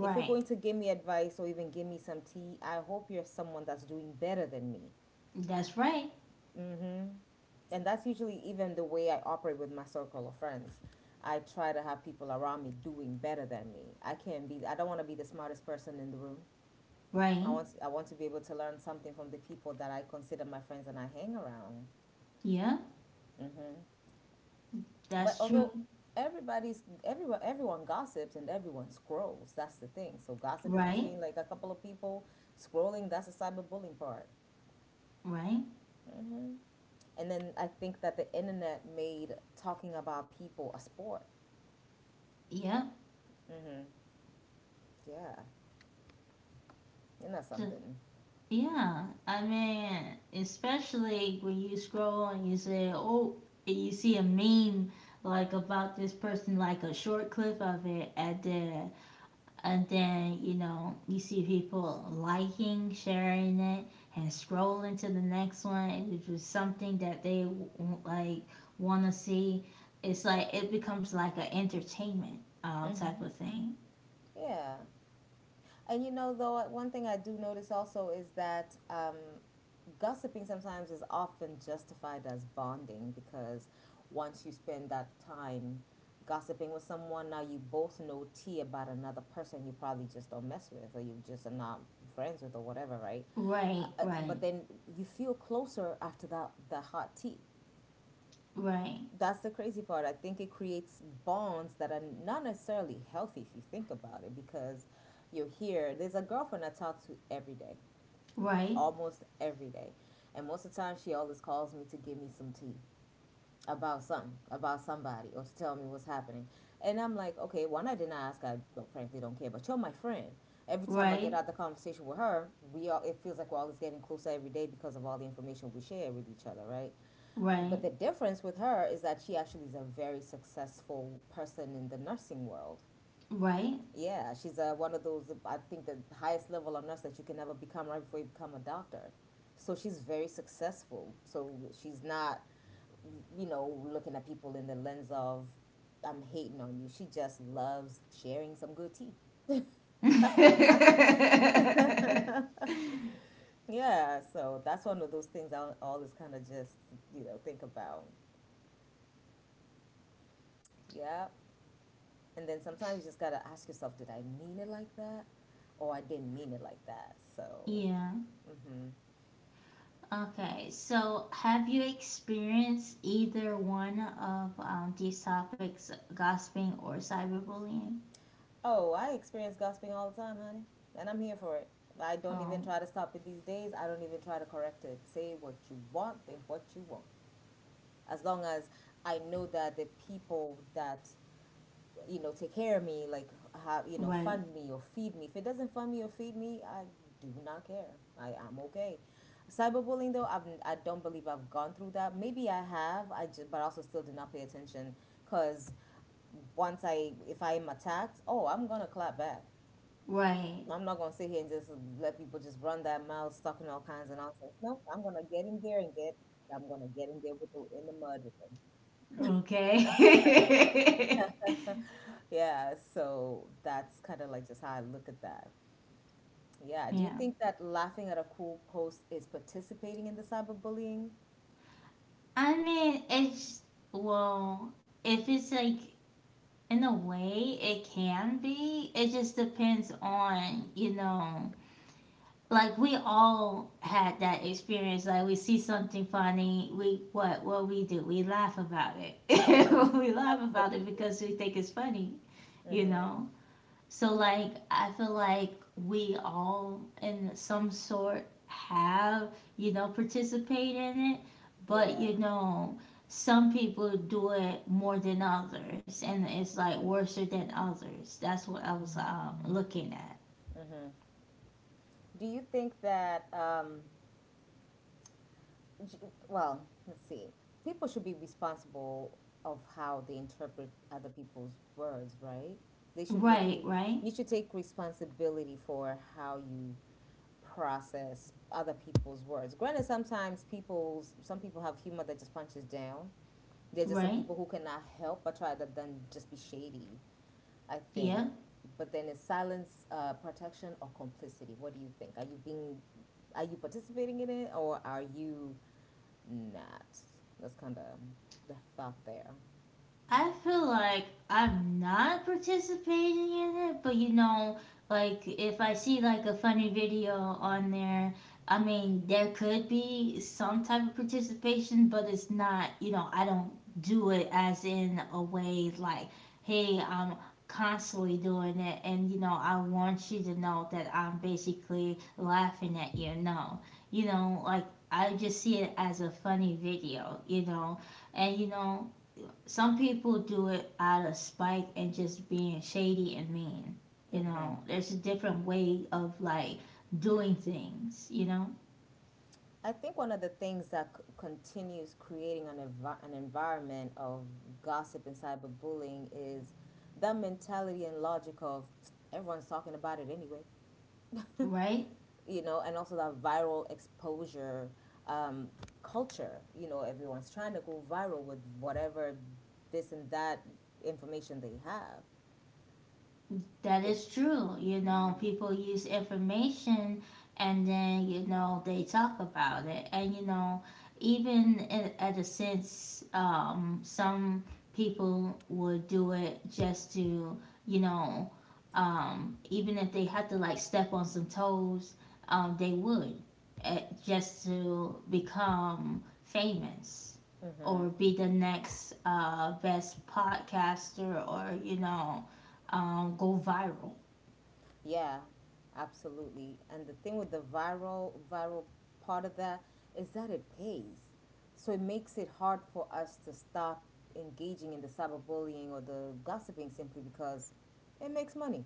Speaker 2: If you're going to give me advice or even give me some tea, I hope you're someone that's doing better than me.
Speaker 1: That's right,
Speaker 2: Mm-hmm. And that's usually even the way I operate with my circle of friends. I try to have people around me doing better than me. I don't want to be the smartest person in the room. I
Speaker 1: right.
Speaker 2: want, I want to be able to learn something from the people that I consider my friends and I hang around.
Speaker 1: Yeah,
Speaker 2: Mm-hmm. But
Speaker 1: that's true,
Speaker 2: although everybody's everyone everyone gossips and everyone scrolls, that's the thing. So gossip is
Speaker 1: right,
Speaker 2: between like a couple of people scrolling. That's the cyberbullying part.
Speaker 1: right.
Speaker 2: hmm And then I think that the internet made talking about people a sport.
Speaker 1: Yeah,
Speaker 2: hmm Yeah, isn't that
Speaker 1: so
Speaker 2: something?
Speaker 1: yeah, I mean, especially when you scroll and you say, oh, and you see a meme like about this person, like a short clip of it, and then you know, you see people liking, sharing it, and scrolling to the next one, and if it's just something that they like want to see, it's like it becomes like an entertainment type of
Speaker 2: hmm
Speaker 1: thing.
Speaker 2: Yeah. And you know, though, one thing I do notice also is that, gossiping sometimes is often justified as bonding because once you spend that time gossiping with someone, now you both know tea about another person you probably just don't mess with or you just are not friends with or whatever, right?
Speaker 1: Right, right,
Speaker 2: But then you feel closer after that the hot tea.
Speaker 1: right,
Speaker 2: That's the crazy part. I think it creates bonds that are not necessarily healthy if you think about it, because you're here. There's a girlfriend I talk to every day,
Speaker 1: right,
Speaker 2: almost every day. And most of the time, she always calls me to give me some tea about something, about somebody, or to tell me what's happening. And I'm like, okay, one, I didn't ask. I, well, frankly don't care, but you're my friend. Every time I get
Speaker 1: right,
Speaker 2: out the conversation with her, we all it feels like we're always getting closer every day because of all the information we share with each other, right?
Speaker 1: right.
Speaker 2: But the difference with her is that she actually is a very successful person in the nursing world.
Speaker 1: Right?
Speaker 2: Yeah, she's one of those, I think, the highest level of nurse that you can ever become right before you become a doctor. So she's very successful. So she's not, you know, looking at people in the lens of, I'm hating on you. She just loves sharing some good tea. Yeah, so that's one of those things I always kind of just, you know, think about. Yeah. And then sometimes you just got to ask yourself, did I mean it like that? Or I didn't mean it like that. So,
Speaker 1: Yeah. Okay. So, have you experienced either one of these topics, gossiping or cyberbullying?
Speaker 2: oh, I experience gossiping all the time, honey, and I'm here for it. I don't even
Speaker 1: Um,
Speaker 2: try to stop it these days. I don't even try to correct it. Say what you want, think what you want. As long as I know that the people that, you know, take care of me, like have, you know,
Speaker 1: right.
Speaker 2: fund me or feed me. If it doesn't fund me or feed me, I do not care. I am okay. Cyberbullying though, I don't believe I've gone through that. Maybe I have. I just But I also still do not pay attention because once I if I am attacked, oh, I'm gonna clap back.
Speaker 1: Right.
Speaker 2: I'm not gonna sit here and just let people just run their mouths talking all kinds of nonsense. No, I'm gonna get in there and get I'm gonna get in there with the in the mud with them.
Speaker 1: Okay.
Speaker 2: Yeah, so that's kind of like just how I look at that. Yeah, do you
Speaker 1: Yeah.
Speaker 2: think that laughing at a cruel post is participating in the cyberbullying?
Speaker 1: I mean, it's, well, if it's like, in a way, it can be. It just depends on, you know, like we all had that experience like we see something funny we what we do we laugh about it
Speaker 2: hmm
Speaker 1: we laugh about it
Speaker 2: Absolutely.
Speaker 1: because we think it's funny you
Speaker 2: hmm
Speaker 1: know so like I feel like we all in some sort have you know participate in it but
Speaker 2: Yeah.
Speaker 1: you know some people do it more than others and it's like worse than others that's what I was looking at
Speaker 2: Do you think that G- well, let's see. People should be responsible of how they interpret other people's words, right? They should like
Speaker 1: right
Speaker 2: you
Speaker 1: right
Speaker 2: you should take responsibility for how you process other people's words. Granted, some people have humor that just punches down. There's just some
Speaker 1: right,
Speaker 2: people who cannot help but try to then just be shady, I think.
Speaker 1: yeah.
Speaker 2: But then is silence protection or complicity? What do you think? Are you being are you participating in it or are you not? That's kind of the thought there.
Speaker 1: I feel like I'm not participating in it, but you know, like if I see like a funny video on there, I mean, there could be some type of participation, but it's not, you know, I don't do it as in a way like, hey, I'm constantly doing it and you know, I want you to know that I'm basically laughing at you. No. You know, like I just see it as a funny video, you know. And you know, some people do it out of spite and just being shady and mean. You
Speaker 2: hmm
Speaker 1: know, there's a different way of like doing things, you know,
Speaker 2: I think one of the things that continues creating an environment of gossip and cyberbullying is the mentality and logic of everyone's talking about it anyway,
Speaker 1: right?
Speaker 2: you know, and also that viral exposure, um, culture. You know, everyone's trying to go viral with whatever this and that information they have.
Speaker 1: That
Speaker 2: It,
Speaker 1: is true. You know,
Speaker 2: mm-hmm.
Speaker 1: people use information and then, you know, they talk about it. And, you know, even in, at a sense, some people would do it just to, you know, even if they had to like step on some toes, they would uh, just to become famous or
Speaker 2: Mm-hmm.
Speaker 1: be the next best podcaster or, you know, go viral.
Speaker 2: Yeah, absolutely. And the thing with the viral part of that is that it pays. So it makes it hard for us to stop engaging in the cyberbullying or the gossiping simply because it makes money.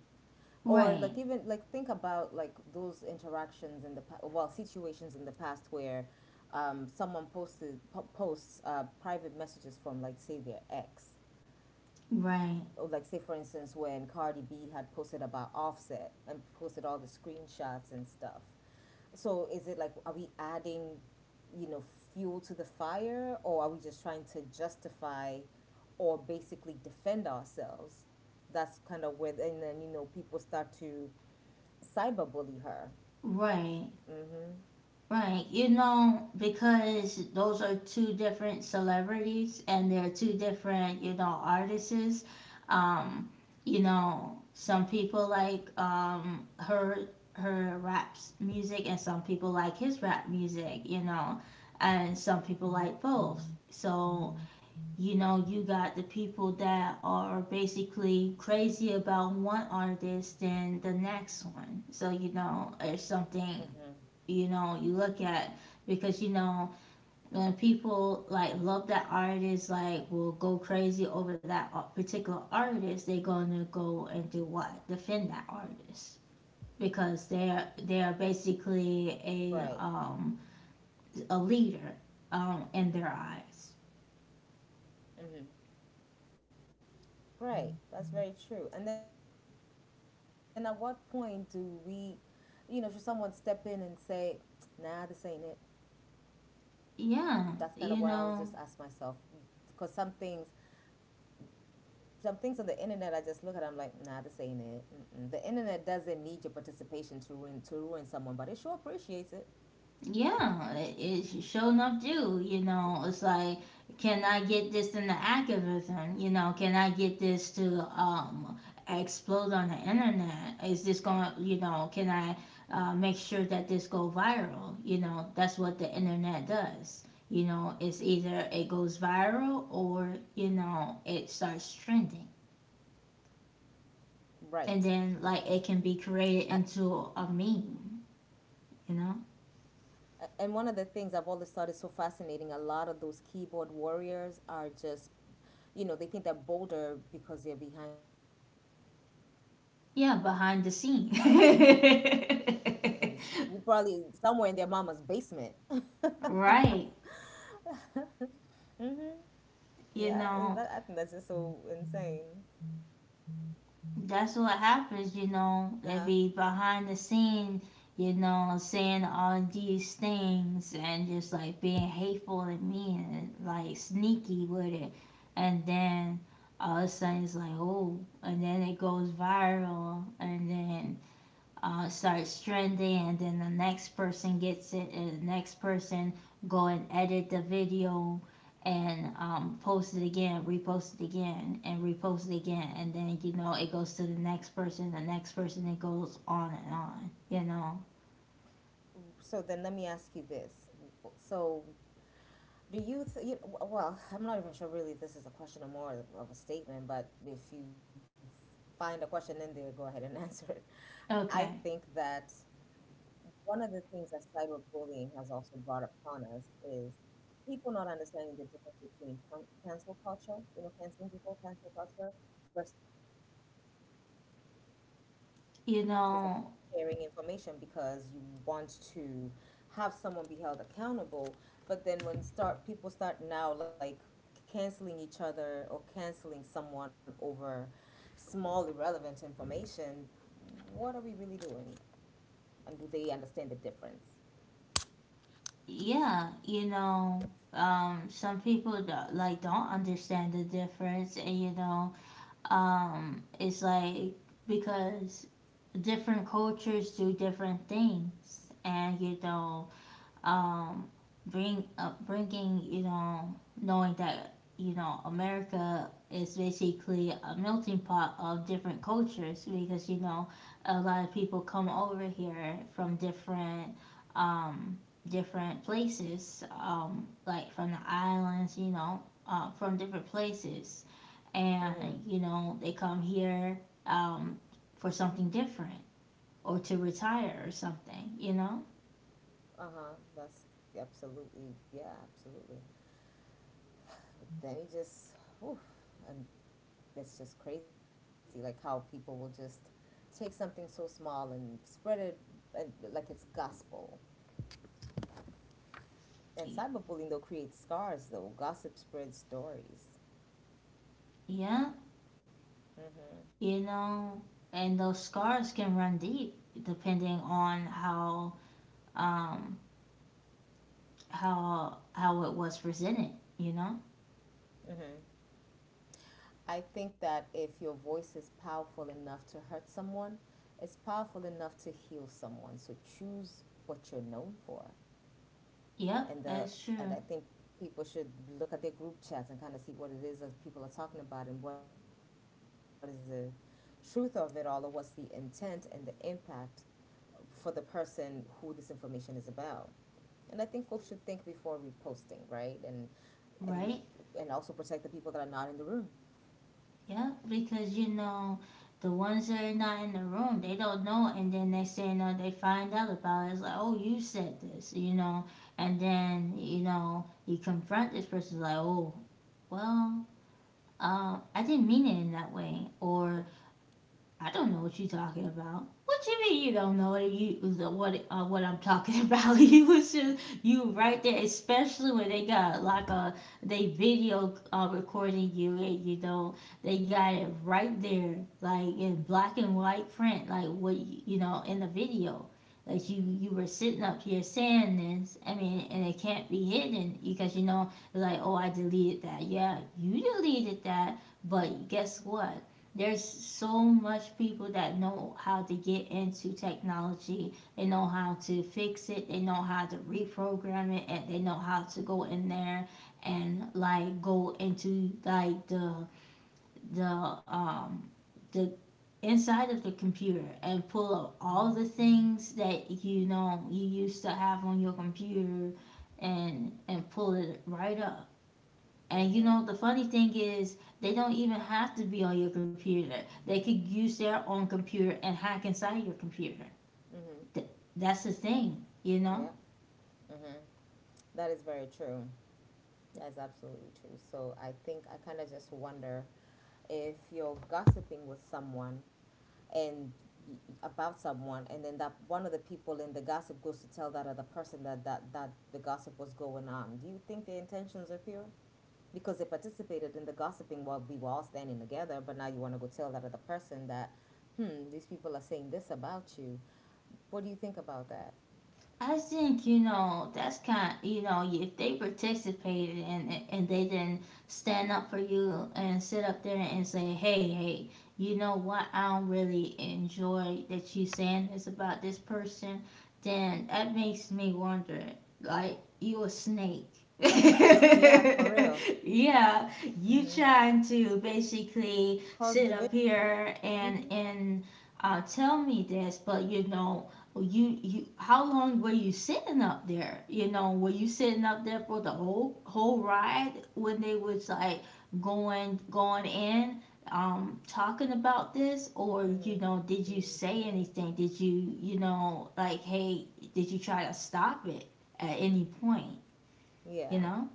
Speaker 2: Or
Speaker 1: Right,
Speaker 2: like even like think about like those interactions in the well, situations in the past where, someone posts private messages from like say their ex.
Speaker 1: right,
Speaker 2: Oh, like say for instance when Cardi B had posted about Offset and posted all the screenshots and stuff. So is it like, are we adding, you know, fuel to the fire, or are we just trying to justify or basically defend ourselves? That's kind of where, and then you know people start to cyberbully her.
Speaker 1: right, right. You know, because those are two different celebrities and they're two different, you know, artists. Um, you know, some people like her rap music and some people like his rap music, you know, and some people like both. So you know you got the people that are basically crazy about one artist than the next one, so you know it's
Speaker 2: Mm-hmm.
Speaker 1: something, you know, you look at because you know when people like love that artist like will go crazy over that particular artist, they're going to go and do what, defend that artist because they're
Speaker 2: Right.
Speaker 1: they're basically a leader, um, in their eyes.
Speaker 2: Mm-hmm. Right. That's very true. And then at what point do we, you know, should someone step in and say, "Nah, this ain't it." That's kind of what I'll just ask myself because
Speaker 1: Yeah,
Speaker 2: some
Speaker 1: you
Speaker 2: things,
Speaker 1: know.
Speaker 2: some things on the internet I just look at it, I'm like, nah, this ain't it. Mm-mm. The internet doesn't need your participation to ruin someone, but it sure appreciates it.
Speaker 1: Yeah, it sure enough do. You know, it's like, can I get this into activism? You know, can I get this to explode on the internet? Is this going? You know, can I make sure that this go viral? You know, that's what the internet does. You know, it's either it goes viral or you know it starts trending,
Speaker 2: Right.
Speaker 1: and then like it
Speaker 2: I,
Speaker 1: can be created into a meme. You know.
Speaker 2: and one of the things I've always thought is so fascinating, a lot of those keyboard warriors are just, you know, they think they're bolder because they're behind the screens, but they're just, you
Speaker 1: Yeah,
Speaker 2: know, keyboard
Speaker 1: behind the scene.
Speaker 2: thumpers who probably somewhere in their mama's basement.
Speaker 1: Right.
Speaker 2: Yeah, and that,
Speaker 1: You
Speaker 2: I think that's
Speaker 1: know,
Speaker 2: just so insane.
Speaker 1: that's what happens,
Speaker 2: Uh-huh.
Speaker 1: you know, they be behind the scene, you know, saying all these things and just like being hateful to me and like sneaky with it. And then all of a sudden it's like, oh, and then it goes viral and then starts trending and then the next person gets it and the next person go and edit the video and post it again, repost it again and repost it again, and then you know it goes to the next person, the next person, it goes on and on, you know.
Speaker 2: So then let me ask you this. So do you, well, I'm not even sure really if this is a question or more of a statement, but if you find a question in there, go ahead and answer it. I
Speaker 1: Okay.
Speaker 2: think that one of the things that cyberbullying has also brought upon us is people not understanding the difference between cancel culture, you know, canceling people, cancel culture, versus accountability. There are those moments, yes,
Speaker 1: You
Speaker 2: you are
Speaker 1: know.
Speaker 2: sharing information because you want to have someone be held accountable, but then when start people start now like canceling each other or canceling someone over small irrelevant information, what are we really doing, and do they understand the difference?
Speaker 1: Yeah, you know, some people don't, like don't understand the difference, and you know, it's like because different cultures do different things, and you know, um, bring bringing, you know, knowing that you know America is basically a melting pot of different cultures because you know a lot of people come over here from different, um, different places, like from the islands, you know, from different places, and
Speaker 2: Mm-hmm.
Speaker 1: you know they come here, um, for something different or to retire or something, you know?
Speaker 2: Uh huh. That's absolutely, yeah, absolutely. Then he just, oof, and that's just crazy, like how people will just take something so small and spread it, and like it's gospel. And cyberbullying though creates scars though. Gossip spreads stories.
Speaker 1: Yeah,
Speaker 2: Mm-hmm.
Speaker 1: you know, and those scars can run deep depending on how, um how it was presented, you know?
Speaker 2: Mm-hmm. I think that if your voice is powerful enough to hurt someone, it's powerful enough to heal someone. So choose what you're known for.
Speaker 1: Yep,
Speaker 2: And
Speaker 1: that's
Speaker 2: the,
Speaker 1: true.
Speaker 2: and I think people should look at their group chats and kind of see what it is that people are talking about, and what is the truth of it all, or what's the intent and the impact for the person who this information is about. And I think folks should think before reposting, right? And you and
Speaker 1: Right?
Speaker 2: also protect the people that are not in the room.
Speaker 1: Yep, because you know the ones that are not in the room, they don't know, and then they say no, they find out about it. It's like, oh, you said this, you know, and then you know you confront this person like, oh, well, I didn't mean it in that way, or I don't know what you're talking about. What you mean you don't know what you, what I'm talking about? You was just, you right
Speaker 2: Mm-hmm.
Speaker 1: there, especially when they got like a they video recording you and you know they got it right there, like in black and white print, like what you know, in the video. Like you were sitting up here saying this. I mean, and it can't be hidden because you know, like, oh, I deleted that. Yeah, you deleted that, but guess what? There's so much people that know how to get into technology, they know how to fix it, they know how to reprogram it, and they know how to go in there and like go into like the um the inside of the computer and pull up all the things that you know you used to have on your computer and pull it right up. And you
Speaker 2: Mm-hmm.
Speaker 1: know, the funny thing is, they don't even have to be on your computer. They could use their own computer and hack inside your computer.
Speaker 2: Mm-hmm. Mm-hmm.
Speaker 1: Th- that's the thing, you know?
Speaker 2: Yeah. Mm-hmm. That is very true. That's absolutely true. So I think I kind of just wonder if you're gossiping with someone and about someone, and then that one of the people in the gossip goes to tell that other person that the gossip was going on. Do you think their intentions are pure because they participated in the gossiping while we were all standing together, but now you want to go tell that other person that, hmm, these people are saying this about you? What do you think about that?
Speaker 1: I think you know that's kind. You know, if they participated and they didn't stand up for you and sit up there and say, "Hey, hey, you know what? I don't really enjoy that you saying this about this person," then that makes me wonder. Like you a snake?
Speaker 2: Yeah, for real.
Speaker 1: Yeah, you
Speaker 2: Mm-hmm.
Speaker 1: trying to basically
Speaker 2: Cause
Speaker 1: sit
Speaker 2: division.
Speaker 1: up here and
Speaker 2: Mm-hmm.
Speaker 1: tell me this, but you know, well, you how long were you sitting up there? You know, were you sitting up there for the whole ride when they was like going in, talking about this, or you
Speaker 2: Mm-hmm.
Speaker 1: know, did you say anything? Did you, you know, like hey, did you try to stop it at any point, you
Speaker 2: Yeah,
Speaker 1: know?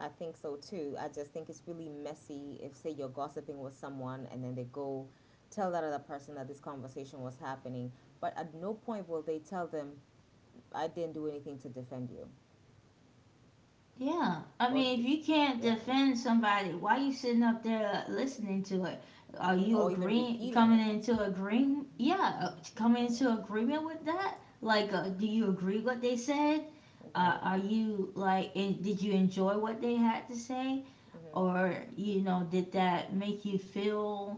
Speaker 2: I think so too. I just think it's really messy if, say, you're gossiping with someone and then they go tell that other person that this conversation was happening, but at no point will they tell them, I didn't do anything to defend you.
Speaker 1: Yeah, I
Speaker 2: Or,
Speaker 1: mean,
Speaker 2: d-
Speaker 1: if you can't
Speaker 2: yeah.
Speaker 1: defend somebody, why you sitting up there listening to it? Are
Speaker 2: Hmm.
Speaker 1: you
Speaker 2: Or even
Speaker 1: agreeing,
Speaker 2: repeating
Speaker 1: coming
Speaker 2: it.
Speaker 1: into agreement? Yeah, coming
Speaker 2: Hmm.
Speaker 1: into agreement with that? Like, do you agree what they said?
Speaker 2: Right.
Speaker 1: Are you like, did you enjoy what they had to say,
Speaker 2: Hmm.
Speaker 1: or you know, did that make you feel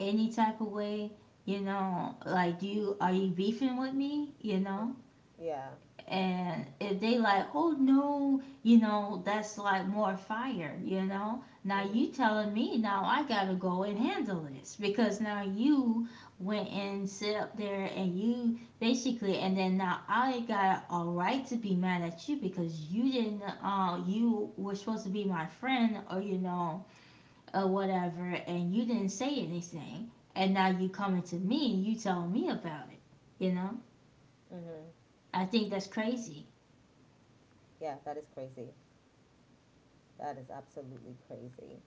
Speaker 1: any type of way? You know, like, do you, are you beefing with me? You know.
Speaker 2: Hmm. Yeah.
Speaker 1: And if they like, oh no, you know, that's like more fire, you know. Now
Speaker 2: Hmm.
Speaker 1: you telling me now I gotta go and handle this because now you went and sit up there and you basically, and then now I got a right to be mad at you because you didn't you were supposed to be my friend or you know or whatever and you didn't say anything and now you coming to me and you telling me about it, you know.
Speaker 2: Hmm.
Speaker 1: I think that's crazy.
Speaker 2: Yeah, that is crazy. That is absolutely crazy.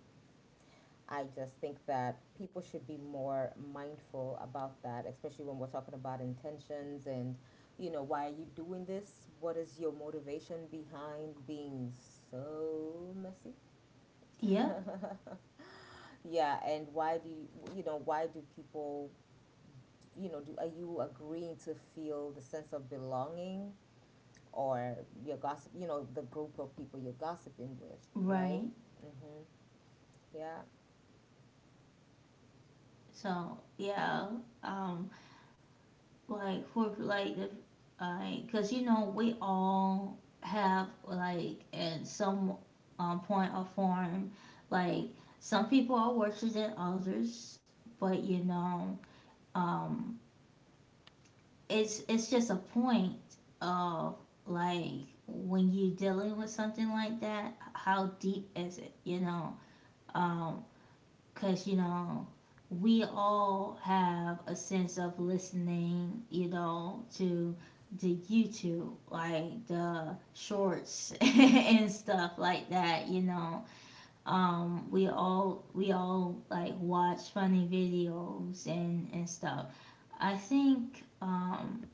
Speaker 2: I just think that people should be more mindful about that, especially when we're talking about intentions and, you know, why are you doing this? What is your motivation behind being so messy?
Speaker 1: Yep.
Speaker 2: Yeah, and why do you, you know, why do people, do, are you agreeing to feel the sense of belonging, or your gossip, you know, the group of people you're gossiping with, right?
Speaker 1: Right.
Speaker 2: Mm-hmm. Yeah.
Speaker 1: So yeah, um, like for like if like, cause you know we all have like at some, point or form, like some people are worse than others, but you know, um, it's just a point of like when you're dealing with something like that, how deep is it? You know. Um, Cause you know, we all have a sense of listening, you know, to the YouTube, like the shorts, and stuff like that, you know. We all, like watch funny videos and stuff. I think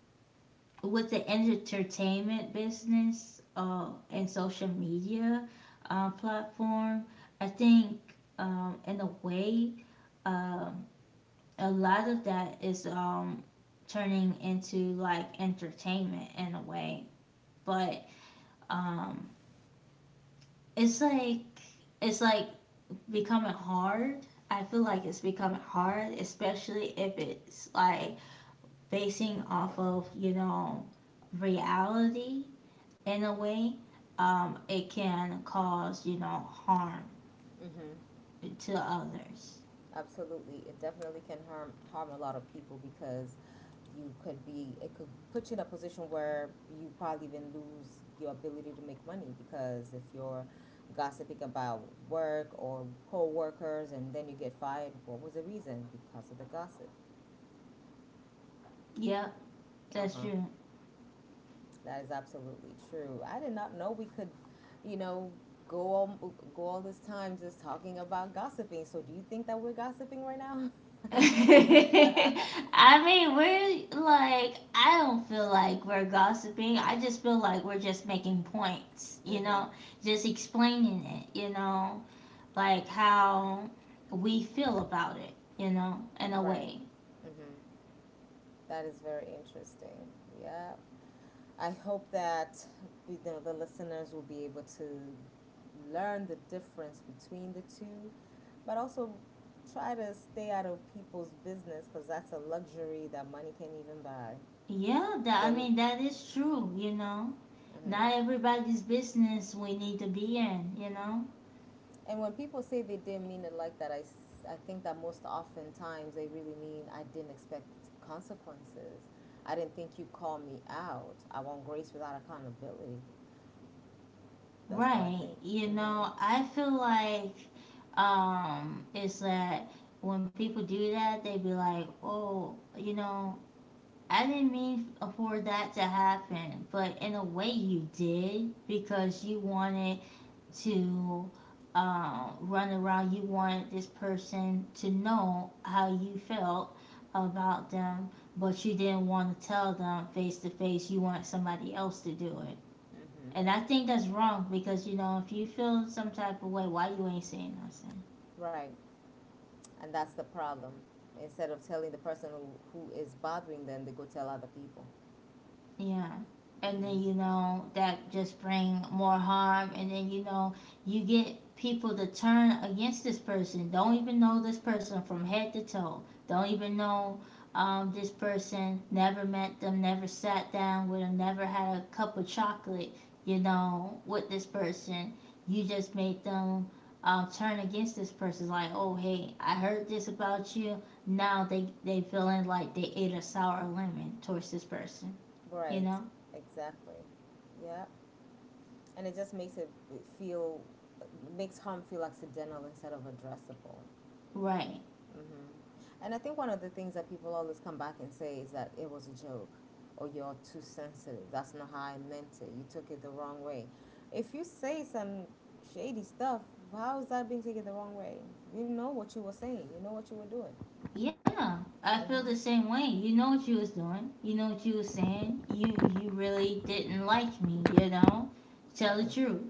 Speaker 1: with the entertainment business and social media platform, I think, in a way, um, a lot of that is, turning into like entertainment in a way, but, um, it's like, it's like becoming hard. I feel like it's becoming hard, especially if it's like basing off of you know reality in a way. It can cause you know harm
Speaker 2: Mm-hmm.
Speaker 1: to others.
Speaker 2: Absolutely. It definitely can harm a lot of people because you could be it could put you in a position where you probably even lose your ability to make money, because if you're gossiping about work or co-workers and then you get fired, what was the reason? Because of the gossip.
Speaker 1: Yep, that's
Speaker 2: Uh-huh.
Speaker 1: true.
Speaker 2: That is absolutely true. I did not know we could, you know, go all this time just talking about gossiping. So do you think that we're gossiping right now?
Speaker 1: I mean, we're like, I don't feel like we're gossiping. I just feel like we're just making points, you
Speaker 2: Mhm.
Speaker 1: know, just explaining it, you know, like how we feel about it, you know, in a
Speaker 2: Right.
Speaker 1: way.
Speaker 2: Mm-hmm. That is very interesting. Yeah. I hope that, you know, the listeners will be able to learn the difference between the two, but also try to stay out of people's business, because that's a luxury that money can't even buy.
Speaker 1: Yeah, that, I
Speaker 2: The,
Speaker 1: mean, that is true, you know.
Speaker 2: mhm.
Speaker 1: Not everybody's business we need to be in, you know.
Speaker 2: And when people say they didn't mean it like that, I think that most oftentimes they really mean I didn't expect consequences. I didn't think you called me out. I want grace without accountability. That's what I
Speaker 1: Right.
Speaker 2: think.
Speaker 1: You
Speaker 2: Hmm.
Speaker 1: know, I feel like it's that when people do that, they be like, "Oh, you know, I didn't mean for that to happen, but in a way you did because you wanted to run around. You wanted this person to know how you felt about them, but you didn't want to tell them face to face. You wanted somebody else to do it."
Speaker 2: Mm-hmm.
Speaker 1: And I think that's wrong because you know if you feel some type of way, why you ain't saying nothing?
Speaker 2: Right. And that's the problem. Instead of telling the person who, is bothering them, they go tell other people.
Speaker 1: Yeah. And
Speaker 2: Mm-hmm.
Speaker 1: then you know that just bring more harm and then you know you get people to turn against this person. Don't even know this person from head to toe. Don't even know, this person. Never met them. Never sat down with them. Never had a cup of chocolate. You know, with this person. You just made them, turn against this person. It's like, oh hey, I heard this about you. Now they feeling like they ate a sour lemon towards this person, you
Speaker 2: Right.
Speaker 1: know.
Speaker 2: Exactly. Yeah. And it just feel, makes harm feel accidental instead of addressable.
Speaker 1: Right.
Speaker 2: Mm-hmm. And I think one of the things that people always come back and say is that it was a joke, or you're too sensitive. That's not how I meant it. You took it the wrong way. If you say some shady stuff, how is that being taken the wrong way? You know what you were saying, you know what you were doing.
Speaker 1: Yeah, I feel the same way. You know what you was doing. You know what you was saying. You really didn't like me. You know, tell the truth.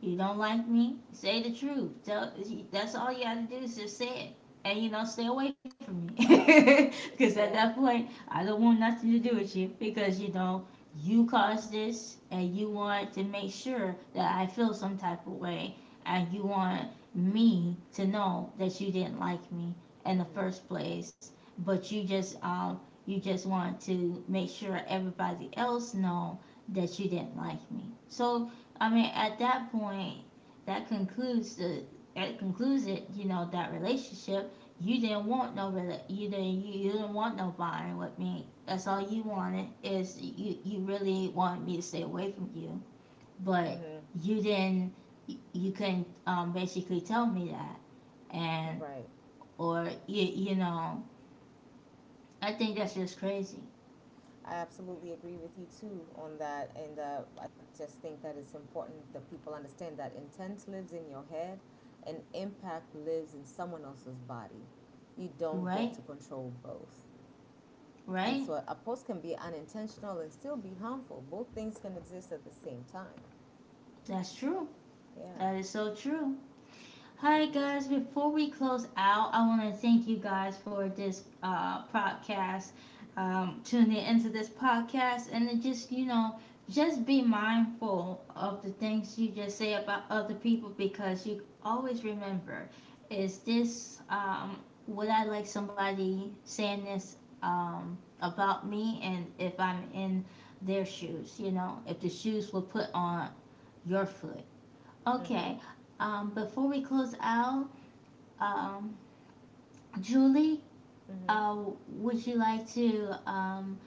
Speaker 1: You don't like me. Say the truth. Tell. That's all you got to do is just say it, and you know, stay away from me. Because at
Speaker 2: Yeah.
Speaker 1: that point, I don't want nothing to do with you. Because you know, you caused this, and you want to make sure that I feel some type of way, and you want me to know that you didn't like me in the
Speaker 2: Mm-hmm.
Speaker 1: first place, but you just wanted to make sure everybody else know that you didn't like me. So I mean, at that point, that concludes the, that concludes it. You know, that relationship. You didn't want no you didn't, you didn't want no bonding with me. That's all you wanted is you, you really wanted me to stay away from you, but
Speaker 2: Mm-hmm.
Speaker 1: you didn't, you couldn't, basically tell me that, and
Speaker 2: Right.
Speaker 1: or you know, I think that's just crazy,
Speaker 2: I absolutely agree with you too on that. And I just think that it's important that people understand that intent lives in your head and impact lives in someone else's body. You don't get
Speaker 1: right?
Speaker 2: to control both. And
Speaker 1: Right?
Speaker 2: so a post can be unintentional and still be harmful. Both things can exist at the same time.
Speaker 1: That's true.
Speaker 2: Yeah.
Speaker 1: That is so true. Hi guys, before we close out, I want to thank you guys for this podcast, tuning into this podcast, and it just, you know, just be mindful of the things you just say about other people, because you always remember is this, would I like somebody saying this, about me, and if I'm in their shoes, you know, if the shoes were put on your foot?
Speaker 2: Mm-hmm.
Speaker 1: Okay, before we close out, um, Julie,
Speaker 2: Mm-hmm.
Speaker 1: uh, would you like to um,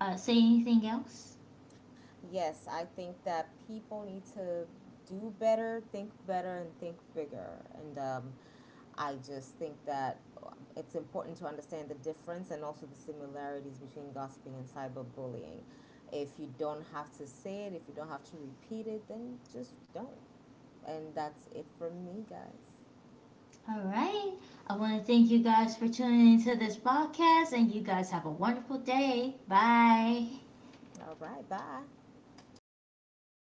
Speaker 1: uh, say anything else?
Speaker 2: Yes, I think that people need to do better, think better, and think bigger. And I just think that it's important to understand the difference and also the similarities between gossiping and cyberbullying. If you don't have to say it, if you don't have to repeat it, then just don't. And that's it from me, guys.
Speaker 1: All right. I want to thank you guys for tuning into this podcast, and you guys have a wonderful day. Bye.
Speaker 2: All right, bye.